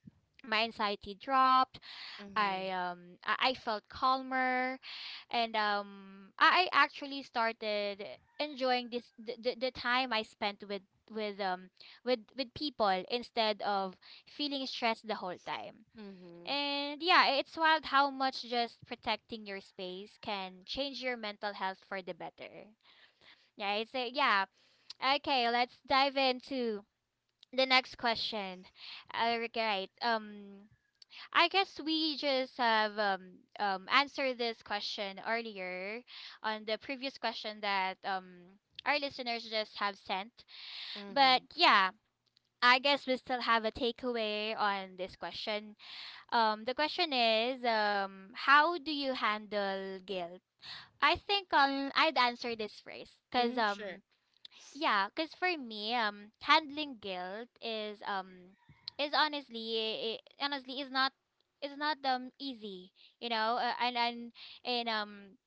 [SPEAKER 1] my anxiety dropped,
[SPEAKER 2] mm-hmm,
[SPEAKER 1] i um i I felt calmer, and um i I actually started enjoying this the, the, the time I spent with with um with with people, instead of feeling stressed the whole time. And yeah, it's wild how much just protecting your space can change your mental health for the better. Yeah, it's a yeah. Okay, let's dive into the next question. All right, um I guess we just have um, um, answered this question earlier on the previous question that um, our listeners just have sent. But
[SPEAKER 2] mm-hmm,
[SPEAKER 1] yeah, I guess we still have a takeaway on this question. Um, the question is, um, how do you handle guilt? I think, um, I'd answer this first because,
[SPEAKER 2] mm-hmm, sure.
[SPEAKER 1] um, yeah, because for me, um, handling guilt is um is honestly i honestly is not is not um easy, you know, uh, and and and um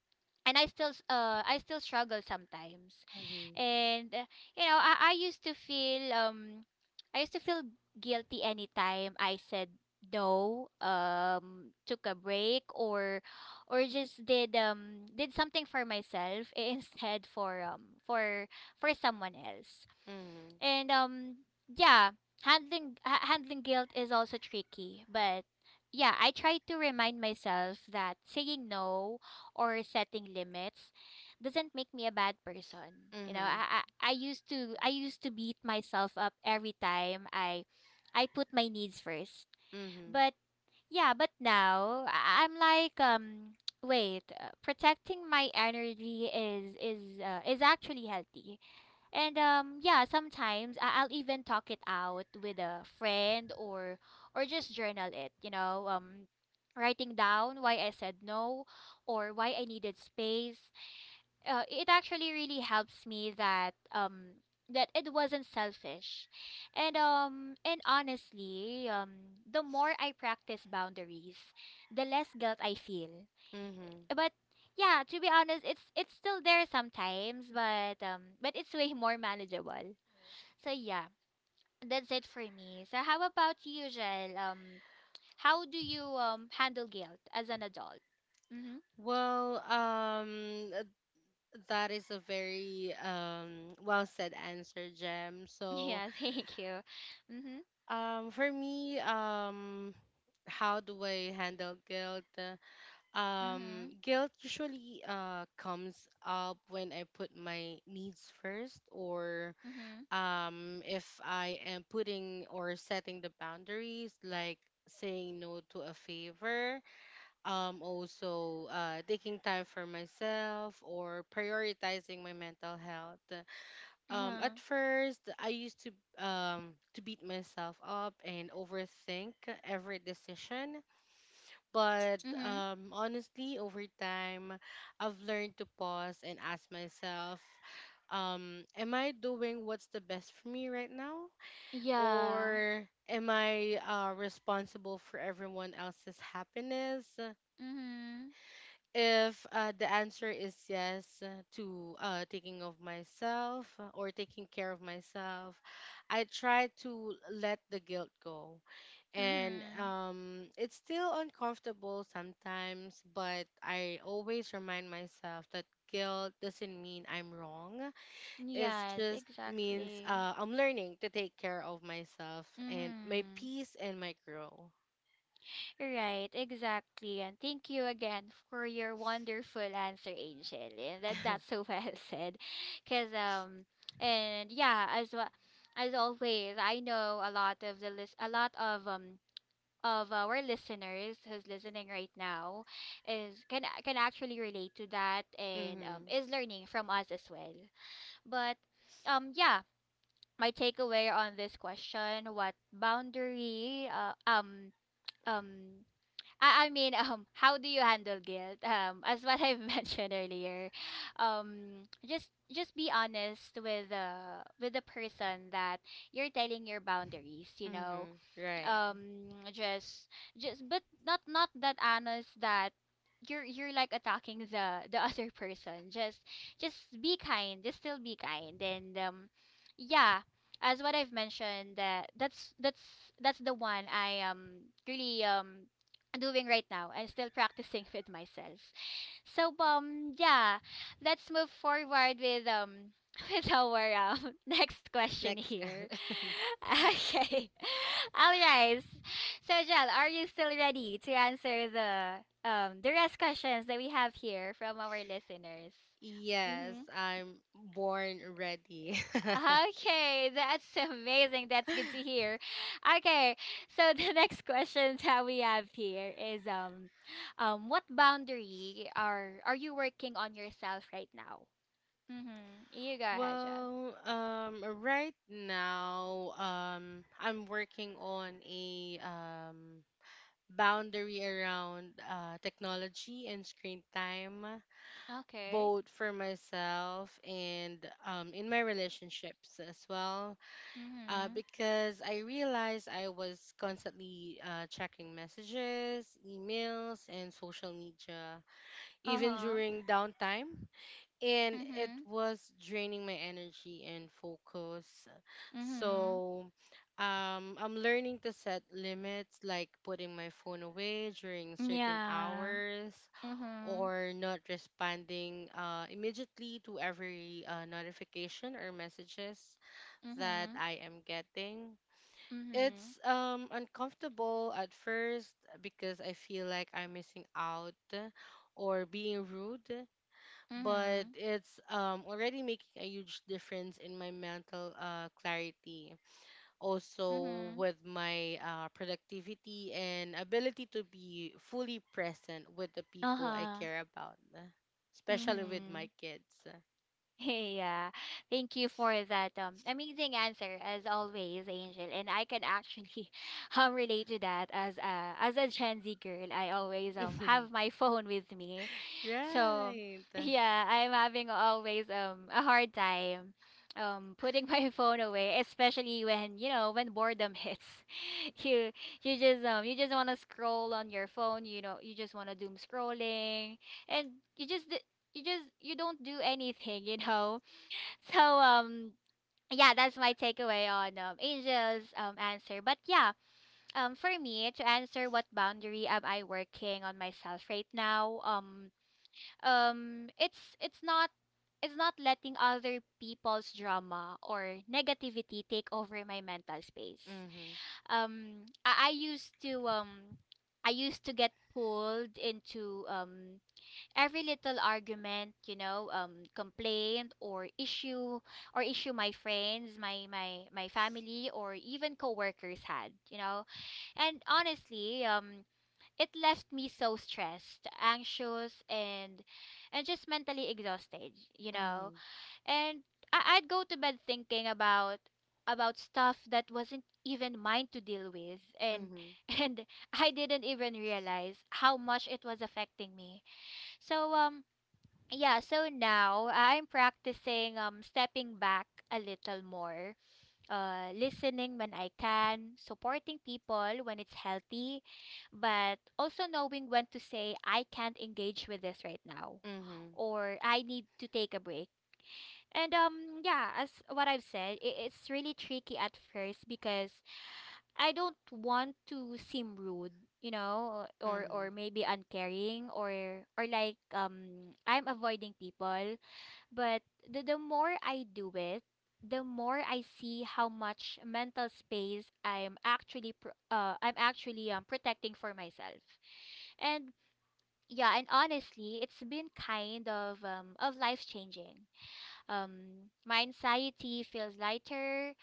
[SPEAKER 1] and I still s- uh I still struggle sometimes.
[SPEAKER 2] Mm-hmm.
[SPEAKER 1] And uh, you know, I, I used to feel um I used to feel guilty anytime I said no, um took a break, or or just did um did something for myself instead for um for for someone else.
[SPEAKER 2] Mm-hmm.
[SPEAKER 1] And um yeah, handling ha- handling guilt is also tricky, but yeah, I try to remind myself that saying no or setting limits doesn't make me a bad person. You know,
[SPEAKER 2] Mhm.
[SPEAKER 1] i i, I used to i used to beat myself up every time i I put my needs first.
[SPEAKER 2] Mhm.
[SPEAKER 1] But yeah, but now I- I'm like, um wait, uh, protecting my energy is is uh, is actually healthy. And um yeah, sometimes I- I'll even talk it out with a friend, or or just journal it, you know, um writing down why I said no or why I needed space. Uh, it actually really helps me that um that it wasn't selfish. And um and honestly, um the more I practice boundaries, the less guilt I feel.
[SPEAKER 2] Mhm.
[SPEAKER 1] But yeah, to be honest, it's it's still there sometimes, but um but it's way more manageable. So yeah, that's it for me. So how about you, Jel? Um, how do you um handle guilt as an adult? Mm-hmm.
[SPEAKER 2] Well, um th- that is a very um well said answer, Jem. So,
[SPEAKER 1] Yeah, thank you. Mm-hmm.
[SPEAKER 2] um for me, um how do I handle guilt? Uh, Um
[SPEAKER 1] Mm-hmm.
[SPEAKER 2] guilt usually uh comes up when I put my needs first, or
[SPEAKER 1] Mm-hmm.
[SPEAKER 2] um if I am putting or setting the boundaries, like saying no to a favor, um also uh taking time for myself or prioritizing my mental health. Um
[SPEAKER 1] Uh-huh.
[SPEAKER 2] at first i used to um to beat myself up and overthink every decision. But
[SPEAKER 1] Mm-hmm.
[SPEAKER 2] um honestly, over time, i've learned to pause and ask myself, um am i doing what's the best for me right now,
[SPEAKER 1] Yeah.
[SPEAKER 2] or am i uh, responsible for everyone else's happiness?
[SPEAKER 1] Mm-hmm.
[SPEAKER 2] If uh, the answer is yes, uh, to uh, taking of myself uh, or taking care of myself, I try to let the guilt go. And
[SPEAKER 1] Mm-hmm.
[SPEAKER 2] um, it's still uncomfortable sometimes, but I always remind myself that guilt doesn't mean I'm wrong. It
[SPEAKER 1] Yes,
[SPEAKER 2] just means
[SPEAKER 1] exactly.
[SPEAKER 2] uh, I'm learning to take care of myself and my
[SPEAKER 1] Mm-hmm.
[SPEAKER 2] peace and my growth.
[SPEAKER 1] Right, exactly. And thank you again for your wonderful answer, Angel. And that, that's so well said. Cause um and yeah, as well, as always, I know a lot of the list a lot of um of our listeners who's listening right now is can can actually relate to that, and um
[SPEAKER 2] Mm-hmm.
[SPEAKER 1] is learning from us as well. But um yeah, my takeaway on this question, what boundary uh, um um I, I mean, um, how do you handle guilt? Um, as what I've mentioned earlier, um, just just be honest with the with the person that you're telling your boundaries. You know,
[SPEAKER 2] Mm-hmm. Right.
[SPEAKER 1] um just just but not not that honest that you're you're like attacking the the other person. Just just be kind, just still be kind. And um yeah, as what I've mentioned, that that's that's that's the one I am really um doing right now and still practicing with myself. So um yeah, let's move forward with um with our um next question
[SPEAKER 2] Next.
[SPEAKER 1] here. Okay. All right. So Jel, are you still ready to answer the um the rest questions that we have here from our listeners?
[SPEAKER 2] Yes,
[SPEAKER 1] Mm-hmm.
[SPEAKER 2] I'm born ready.
[SPEAKER 1] Okay, that's so amazing. That's good to hear. Okay, so the next question that we have here is, um, um, what boundary are are you working on yourself right now? Mm-hmm. You go ahead, Jess.
[SPEAKER 2] well, um, right now, um, I'm working on a um boundary around uh, technology and screen time,
[SPEAKER 1] Okay.
[SPEAKER 2] both for myself and um in my relationships as well. Uh,
[SPEAKER 1] Mm-hmm.
[SPEAKER 2] because I realized I was constantly uh, checking messages, emails, and social media, even
[SPEAKER 1] Uh-huh.
[SPEAKER 2] during downtime, and it
[SPEAKER 1] Mm-hmm.
[SPEAKER 2] was draining my energy and focus.
[SPEAKER 1] Mm-hmm.
[SPEAKER 2] So, um, I'm learning to set limits, like putting my phone away during certain
[SPEAKER 1] Yeah.
[SPEAKER 2] hours
[SPEAKER 1] Mm-hmm.
[SPEAKER 2] or not responding uh, immediately to every uh, notification or messages that
[SPEAKER 1] Mm-hmm.
[SPEAKER 2] I am getting. It's
[SPEAKER 1] Mm-hmm.
[SPEAKER 2] um, uncomfortable at first because I feel like I'm missing out or being rude, but
[SPEAKER 1] Mm-hmm.
[SPEAKER 2] it's um already making a huge difference in my mental uh clarity, also
[SPEAKER 1] Mm-hmm.
[SPEAKER 2] with my uh productivity and ability to be fully present with the people I
[SPEAKER 1] Uh-huh.
[SPEAKER 2] care about, especially with
[SPEAKER 1] Mm-hmm.
[SPEAKER 2] my kids.
[SPEAKER 1] Yeah, thank you for that um amazing answer as always, Angel. And I can actually um relate to that as a as a Gen Z girl. I always um have my phone with me, so
[SPEAKER 2] Right.
[SPEAKER 1] yeah, I'm having always um a hard time um putting my phone away, especially when, you know, when boredom hits. You you just um you just want to scroll on your phone. You know, you just want to doom scrolling, and you just you just you don't do anything, you know. So um yeah, that's my takeaway on, um, Angel's um answer. But yeah, um for me to answer, what boundary am I working on myself right now? Um um it's it's not it's not letting other people's drama or negativity take over my mental space.
[SPEAKER 2] Mhm.
[SPEAKER 1] Um I, I used to um I used to get pulled into um every little argument, you know, um, complaint or issue or issue my friends, my my my family, or even coworkers had, you know. And honestly, um, it left me so stressed, anxious, and and just mentally exhausted, you know.
[SPEAKER 2] Mhm.
[SPEAKER 1] And I- I'd go to bed thinking about about stuff that wasn't even mine to deal with and
[SPEAKER 2] Mhm.
[SPEAKER 1] and I didn't even realize how much it was affecting me. So um yeah, so now uh, I'm practicing um stepping back a little more, uh listening when I can, supporting people when it's healthy, but also knowing when to say I can't engage with this right now
[SPEAKER 2] Mhm.
[SPEAKER 1] or I need to take a break. And um yeah, as what I've said, I it's really tricky at first because I don't want to seem rude, you know, or
[SPEAKER 2] Mhm.
[SPEAKER 1] or maybe uncaring or or like um I'm avoiding people but the, the more I do it, the more I see how much mental space I'm actually pro- uh I'm actually um protecting for myself. And yeah, and honestly, it's been kind of um of life changing. Um my anxiety feels lighter,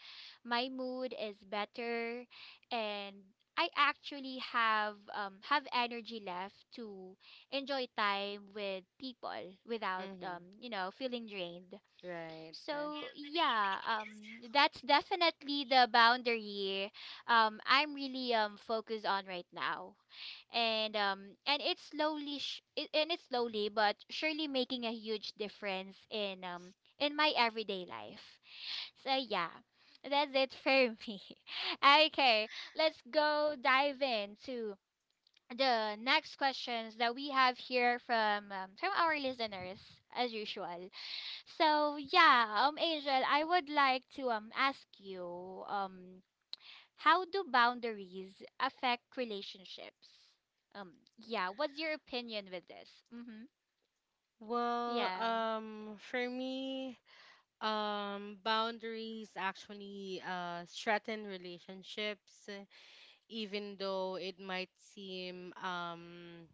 [SPEAKER 1] my mood is better, and I actually have um have energy left to enjoy time with people without
[SPEAKER 2] Mhm.
[SPEAKER 1] um you know feeling drained
[SPEAKER 2] Right.
[SPEAKER 1] so yeah, um, that's definitely the boundary um, I'm really um, focused on right now, and um, and it's slowly sh- it, and it's slowly but surely making a huge difference in um, in my everyday life. So yeah, that's it for me. Okay, let's go dive into the next questions that we have here from um, from our listeners as usual. So yeah, um Angel, I would like to um ask you um how do boundaries affect relationships? Um yeah, what's your opinion with this? Mhm.
[SPEAKER 2] Well,
[SPEAKER 1] Yeah.
[SPEAKER 2] um, for me, Um, boundaries actually uh, threaten relationships, uh, even though it might seem um,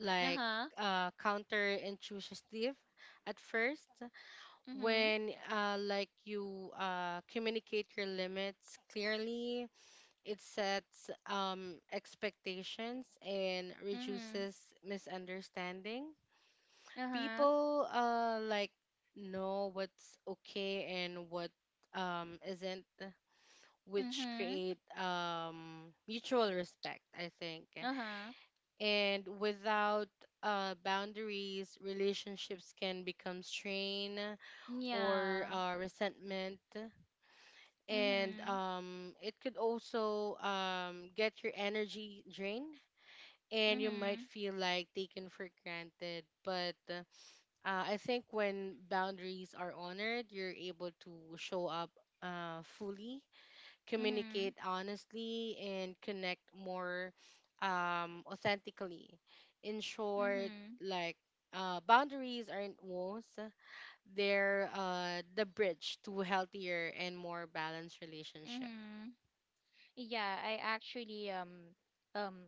[SPEAKER 2] like
[SPEAKER 1] Uh-huh.
[SPEAKER 2] uh, counterintuitive at first.
[SPEAKER 1] Mhm.
[SPEAKER 2] When uh, like you uh, communicate your limits clearly, it sets um, expectations and
[SPEAKER 1] Mhm.
[SPEAKER 2] reduces misunderstanding.
[SPEAKER 1] Uh-huh.
[SPEAKER 2] People uh like know what's okay and what um isn't, which
[SPEAKER 1] Mhm.
[SPEAKER 2] create um mutual respect, I think.
[SPEAKER 1] Uh-huh.
[SPEAKER 2] And without uh boundaries, relationships can become strain, or
[SPEAKER 1] Yeah.
[SPEAKER 2] uh, resentment, and
[SPEAKER 1] Mhm.
[SPEAKER 2] um it could also um get your energy drained, and you might
[SPEAKER 1] Mhm.
[SPEAKER 2] feel like taken for granted. But uh, I think when boundaries are honored, you're able to show up uh, fully,
[SPEAKER 1] Mhm.
[SPEAKER 2] communicate honestly, and connect more um, authentically. In short,
[SPEAKER 1] Mhm.
[SPEAKER 2] like, uh, boundaries aren't walls, they're uh, the bridge to healthier and more balanced relationship.
[SPEAKER 1] Mhm. Yeah, I actually um um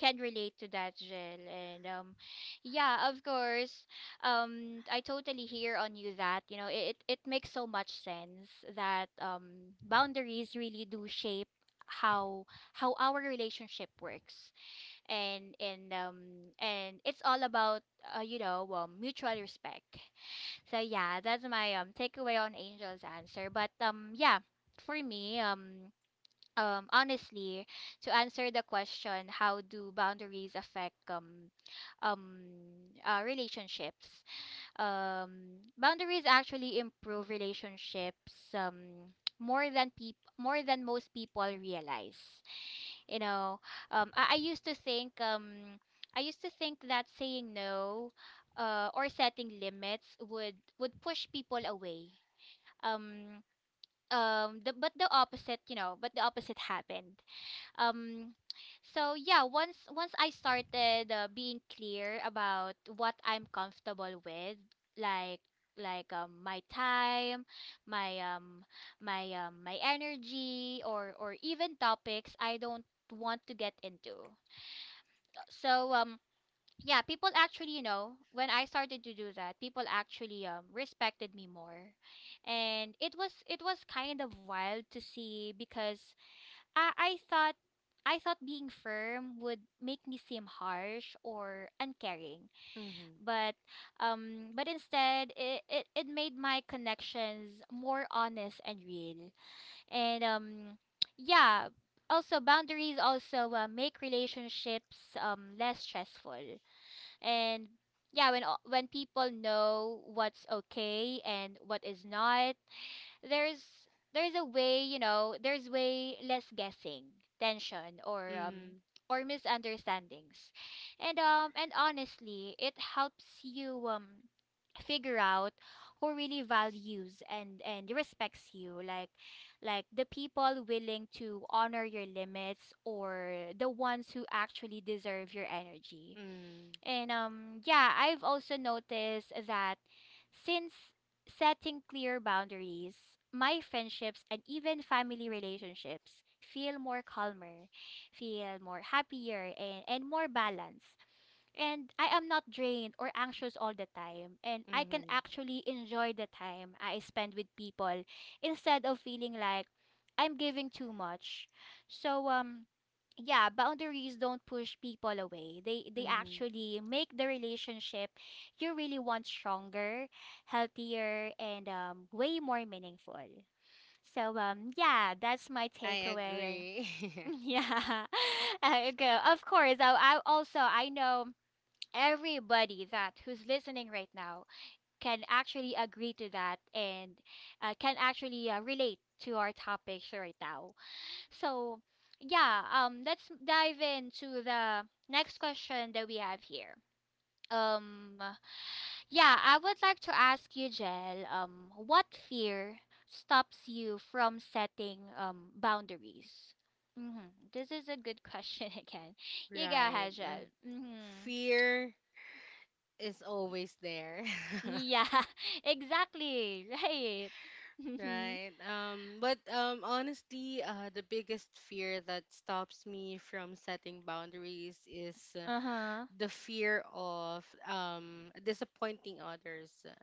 [SPEAKER 1] can relate to that, Jill. And um, yeah, of course, um, I totally hear on you that you know it it makes so much sense that um boundaries really do shape how how our relationship works and and um and it's all about uh, you know um, mutual respect so yeah that's my um takeaway on angel's answer but um yeah for me um um, honestly, to answer the question, how do boundaries affect um, um, uh, relationships? Um, boundaries actually improve relationships um, more than people more than most people realize. You know, um, I, I used to think um, I used to think that saying no uh, or setting limits would would push people away. Um, um the, but the opposite you know but the opposite happened um so yeah once once I started uh, being clear about what I'm comfortable with like like um my time my um my um my energy or or even topics I don't want to get into. Uh, so um yeah people actually you know when I started to do that people actually um respected me more and it was it was kind of wild to see because I I thought I thought being firm would make me seem harsh or uncaring,
[SPEAKER 2] Mm-hmm.
[SPEAKER 1] but um, but instead it, it, it made my connections more honest and real. And um, yeah, also boundaries also uh, make relationships um less stressful. And yeah, when o- when people know what's okay and what is not, there's there's a way you know there's way less guessing tension or um
[SPEAKER 2] Mm-hmm.
[SPEAKER 1] or misunderstandings and um and honestly it helps you um figure out who really values and and respects you like like the people willing to honor your limits or the ones who actually deserve your energy
[SPEAKER 2] Mm-hmm.
[SPEAKER 1] and um yeah, I've also noticed that since setting clear boundaries, my friendships and even family relationships feel more calmer, feel more happier and, and more balanced. And I am not drained or anxious all the time. And I can
[SPEAKER 2] Mm-hmm.
[SPEAKER 1] actually enjoy the time I spend with people instead of feeling like I'm giving too much. So um yeah boundaries don't push people away they they
[SPEAKER 2] Mm-hmm.
[SPEAKER 1] actually make the relationship you really want stronger healthier and um way more meaningful so um yeah that's my
[SPEAKER 2] I
[SPEAKER 1] takeaway.
[SPEAKER 2] agree.
[SPEAKER 1] Yeah. Uh, okay of course I, I also i know everybody that who's listening right now can actually agree to that and uh, can actually uh, relate to our topics right now so, yeah, um, let's dive into the next question that we have here. Um, yeah, I would like to ask you, Jel, um, what fear stops you from setting um boundaries? Mm-hmm. This is a good question again. You go
[SPEAKER 2] Right.
[SPEAKER 1] ahead,
[SPEAKER 2] Um,
[SPEAKER 1] Jel. Mm-hmm.
[SPEAKER 2] Fear is always there.
[SPEAKER 1] Yeah, exactly. Right. Mm-hmm.
[SPEAKER 2] Right. Um but um honestly, uh the biggest fear that stops me from setting boundaries is uh,
[SPEAKER 1] Uh-huh.
[SPEAKER 2] the fear of um disappointing others, uh,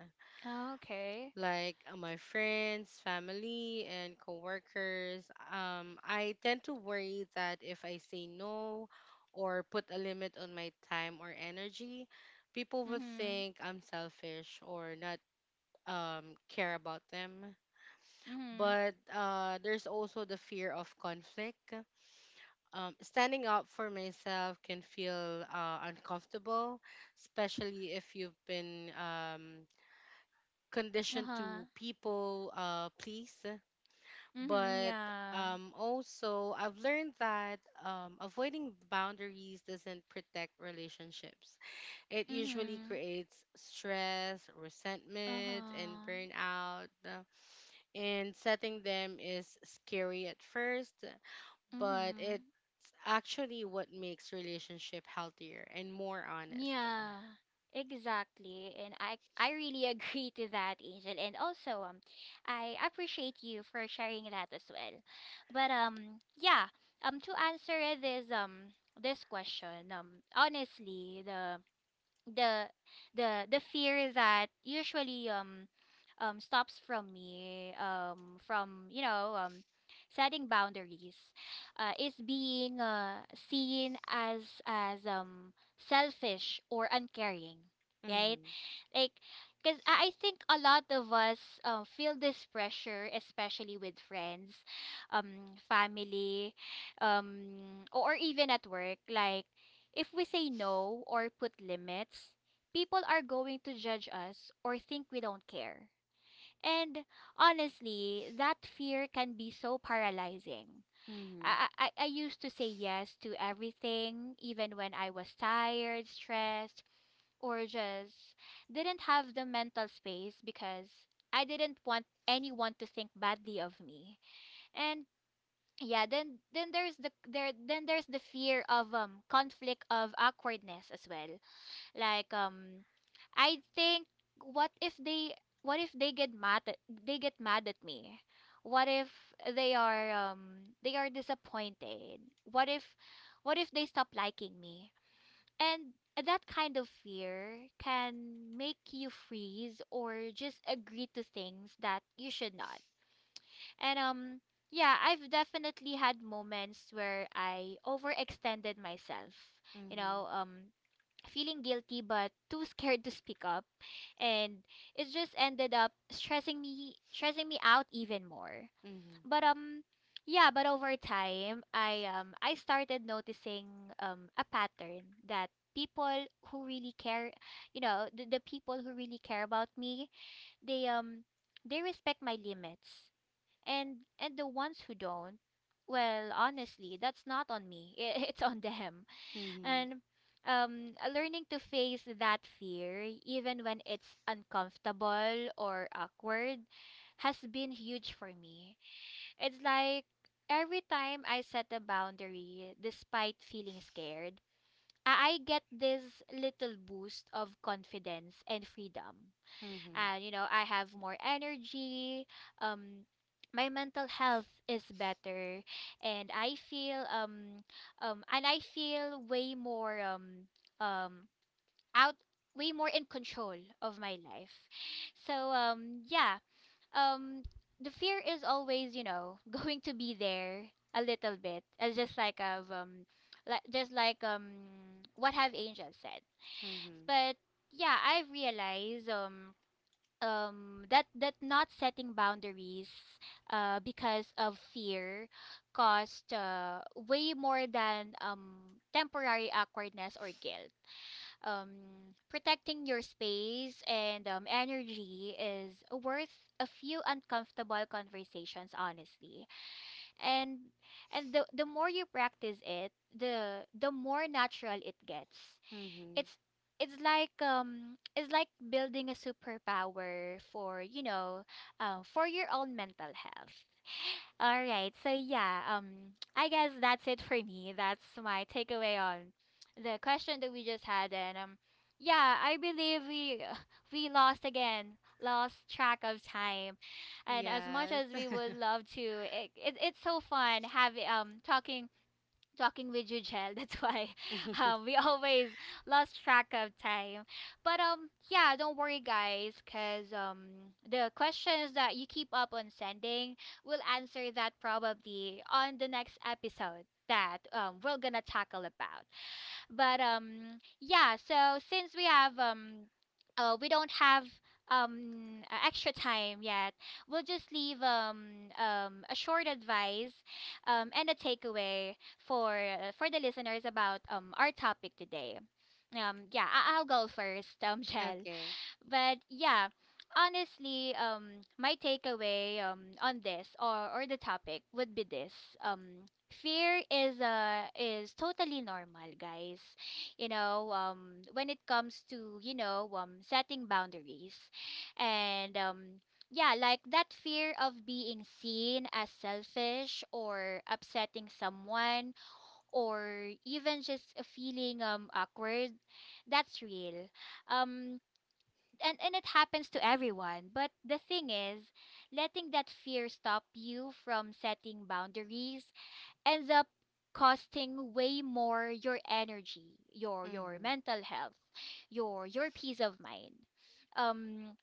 [SPEAKER 1] Okay.
[SPEAKER 2] like, uh, my friends, family, and coworkers. um I tend to worry that if I say no or put a limit on my time or energy, people will
[SPEAKER 1] Mm-hmm.
[SPEAKER 2] think I'm selfish or not um care about them.
[SPEAKER 1] Mm-hmm.
[SPEAKER 2] But uh, there's also the fear of conflict. Um, standing up for myself can feel uh, uncomfortable, especially if you've been um, conditioned to
[SPEAKER 1] Uh-huh.
[SPEAKER 2] people uh, please.
[SPEAKER 1] Mm-hmm.
[SPEAKER 2] But
[SPEAKER 1] Yeah.
[SPEAKER 2] um, also, I've learned that um, avoiding boundaries doesn't protect relationships. It usually
[SPEAKER 1] Mm-hmm.
[SPEAKER 2] creates stress, resentment, and
[SPEAKER 1] Uh-huh.
[SPEAKER 2] burnout, and setting them is scary at first, but
[SPEAKER 1] Mm-hmm.
[SPEAKER 2] it's actually what makes relationship healthier and more honest.
[SPEAKER 1] Yeah. Exactly. And I I really agree to that, Angel. And also um I appreciate you for sharing that as well. But um yeah, um to answer this um this question, um honestly, the the the the fear that usually um um stops from me um from you know um setting boundaries uh, is being uh, seen as as um selfish or uncaring right
[SPEAKER 2] Mm-hmm.
[SPEAKER 1] like because I I think a lot of us uh feel this pressure, especially with friends, um, family, um, or even at work. Like if we say no or put limits, people are going to judge us or think we don't care. And honestly, that fear can be so paralyzing.
[SPEAKER 2] Mm-hmm.
[SPEAKER 1] I, I, I I used to say yes to everything, even when I was tired, stressed, or just didn't have the mental space because I didn't want anyone to think badly of me. And yeah, then then there's the there then there's the fear of um conflict of awkwardness as well. Like um I think what if they what if they get mad at, they get mad at me? What if they are um they are disappointed? What if what if they stop liking me? And that kind of fear can make you freeze or just agree to things that you should not. And um yeah, I've definitely had moments where I overextended myself. You know, um feeling guilty but too scared to speak up and it just ended up stressing me stressing me out even more.
[SPEAKER 2] Mm-hmm.
[SPEAKER 1] But um yeah, but over time I um I started noticing um a pattern that people who really care, you know, the, the people who really care about me, they um they respect my limits. And and the ones who don't, well, honestly, that's not on me. It's on them.
[SPEAKER 2] Mm-hmm. Mhm.
[SPEAKER 1] And um learning to face that fear even when it's uncomfortable or awkward has been huge for me. It's like every time I set a boundary, despite feeling scared, I I get this little boost of confidence and freedom.
[SPEAKER 2] Mm-hmm.
[SPEAKER 1] And you know, I have more energy. Um, my mental health is better, and I feel um um and I feel way more um um out way more in control of my life. So um yeah, um the fear is always you know going to be there a little bit as just like of um like just like um what have angel said
[SPEAKER 2] Mm-hmm.
[SPEAKER 1] but yeah I've realized um um that that not setting boundaries uh because of fear cost uh way more than um temporary awkwardness or guilt. Um, protecting your space and um, energy is worth a few uncomfortable conversations honestly and and the, the more you practice it the the more natural it gets.
[SPEAKER 2] Mm-hmm.
[SPEAKER 1] it's it's like um it's like building a superpower for you know um, for your own mental health. All right. So yeah, um I guess that's it for me. That's my takeaway on the question that we just had and um yeah, I believe we we lost again, lost track of time. And as much as
[SPEAKER 2] Yes.
[SPEAKER 1] we would love to, it, it it's so fun having um talking talking with you, Jel. That's why um, we always lost track of time. But um, yeah, don't worry, guys, because um, the questions that you keep up on sending, we'll answer that probably on the next episode that um, we're gonna tackle about. But um, yeah. So since we have um, uh, we don't have um uh, extra time yet we'll just leave um um a short advice um and a takeaway for uh, for the listeners about um our topic today. Um yeah, I- I'll go first um Jel
[SPEAKER 2] Okay.
[SPEAKER 1] but yeah, honestly, um, my takeaway um on this or or the topic would be this. Um, fear is uh is totally normal, guys. You know, um, when it comes to you know um setting boundaries, and um. Yeah, like that fear of being seen as selfish or upsetting someone or even just a feeling um awkward, that's real. Um and and it happens to everyone but the thing is letting that fear stop you from setting boundaries ends up costing way more your energy your your
[SPEAKER 2] Mm-hmm.
[SPEAKER 1] mental health your your peace of mind. um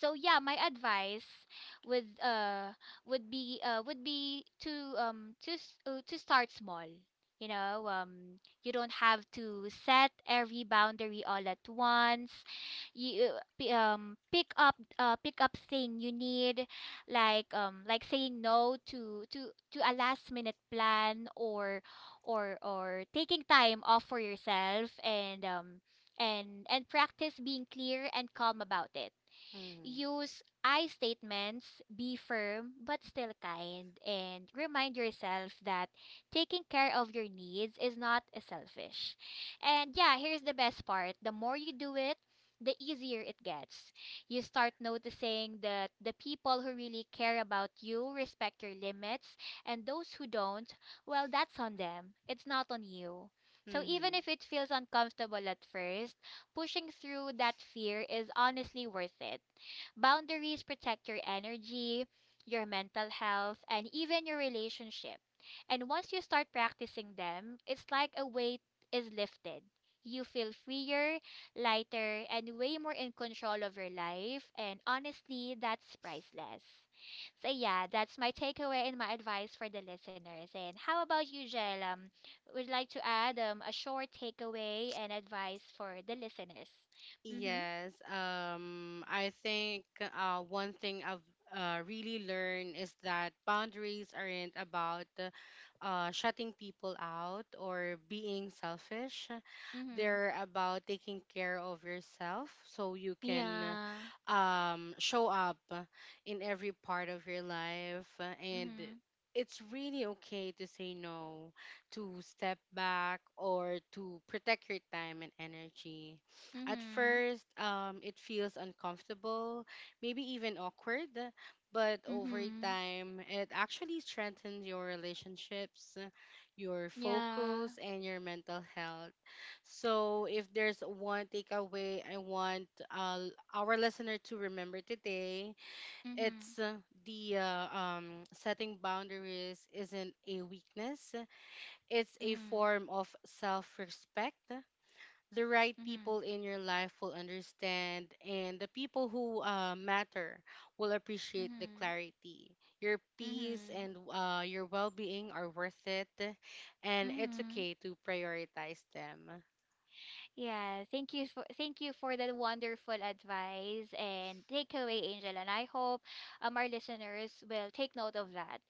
[SPEAKER 1] so yeah my advice would uh would be uh would be to um to s- uh, to start small. You know um you don't have to set every boundary all at once. You uh, p- um pick up uh pick up thing you need like um like saying no to to to a last minute plan or or or taking time off for yourself and um and and practice being clear and calm about it.
[SPEAKER 2] Mm-hmm.
[SPEAKER 1] Use I statements, be firm but still kind, and remind yourself that taking care of your needs is not selfish. And yeah, here's the best part the more you do it, the easier it gets. You start noticing that the people who really care about you respect your limits, and those who don't, well, that's on them. It's not on you. So even
[SPEAKER 2] Mm-hmm.
[SPEAKER 1] if it feels uncomfortable at first, pushing through that fear is honestly worth it. Boundaries protect your energy, your mental health, and even your relationship. And once you start practicing them, it's like a weight is lifted. You feel freer, lighter, and way more in control of your life. And honestly, that's priceless. So, yeah, that's my takeaway and my advice for the listeners. And how about you, Jel? Um, would like to add um, a short takeaway and advice for the listeners. Mm hmm.
[SPEAKER 2] Yes, um, I think uh, one thing I've uh, really learned is that boundaries aren't about uh, uh, shutting people out or being selfish.
[SPEAKER 1] Mm hmm.
[SPEAKER 2] They're about taking care of yourself so you can
[SPEAKER 1] Yeah.
[SPEAKER 2] um, show up in every part of your life. And
[SPEAKER 1] Mhm.
[SPEAKER 2] it's really okay to say no, to step back, or to protect your time and energy. At
[SPEAKER 1] Mhm.
[SPEAKER 2] first, um, it feels uncomfortable, maybe even awkward, but over
[SPEAKER 1] Mhm.
[SPEAKER 2] time, it actually strengthens your relationships, your
[SPEAKER 1] Yeah.
[SPEAKER 2] focus, and your mental health. So, if there's one takeaway I want uh, our listener to remember today,
[SPEAKER 1] Mhm.
[SPEAKER 2] it's uh, the uh, um, setting boundaries isn't a weakness, it's a
[SPEAKER 1] Mhm.
[SPEAKER 2] form of self respect. The right
[SPEAKER 1] Mhm.
[SPEAKER 2] people in your life will understand, and the people who uh, matter will appreciate the
[SPEAKER 1] Mhm.
[SPEAKER 2] clarity. Your peace
[SPEAKER 1] Mhm.
[SPEAKER 2] and uh, your well being are worth it, and it's
[SPEAKER 1] Mhm.
[SPEAKER 2] okay to prioritize them.
[SPEAKER 1] Yeah, thank you for thank you for that wonderful advice and takeaway, Angel. And I hope um our listeners will take note of that.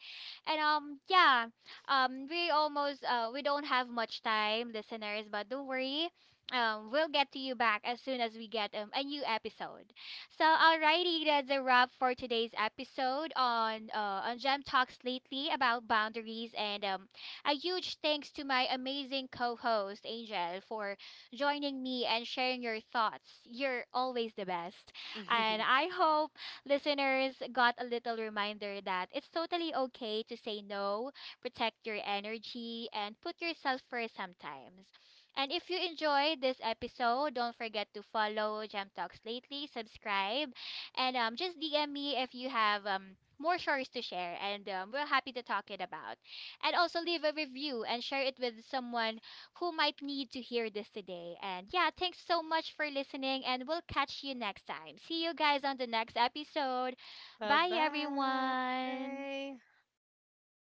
[SPEAKER 1] And um yeah, um we almost uh we don't have much time, listeners, but don't worry. Um we'll get to you back as soon as we get um a new episode. So alrighty, that's a wrap for today's episode on uh on Gem Talks lately about boundaries and um a huge thanks to my amazing co-host Angel for joining me and sharing your thoughts. You're always the best. And I hope listeners got a little reminder that it's totally okay to say no, protect your energy, and put yourself first sometimes. And if you enjoyed this episode, don't forget to follow Gem Talks Lately, subscribe, and um, just D M me if you have um, more stories to share, and um, we're happy to talk it about. And also leave a review and share it with someone who might need to hear this today. And yeah, thanks so much for listening, and we'll catch you next time. See you guys on the next episode.
[SPEAKER 2] Bye
[SPEAKER 1] Bye, everyone.
[SPEAKER 2] bye.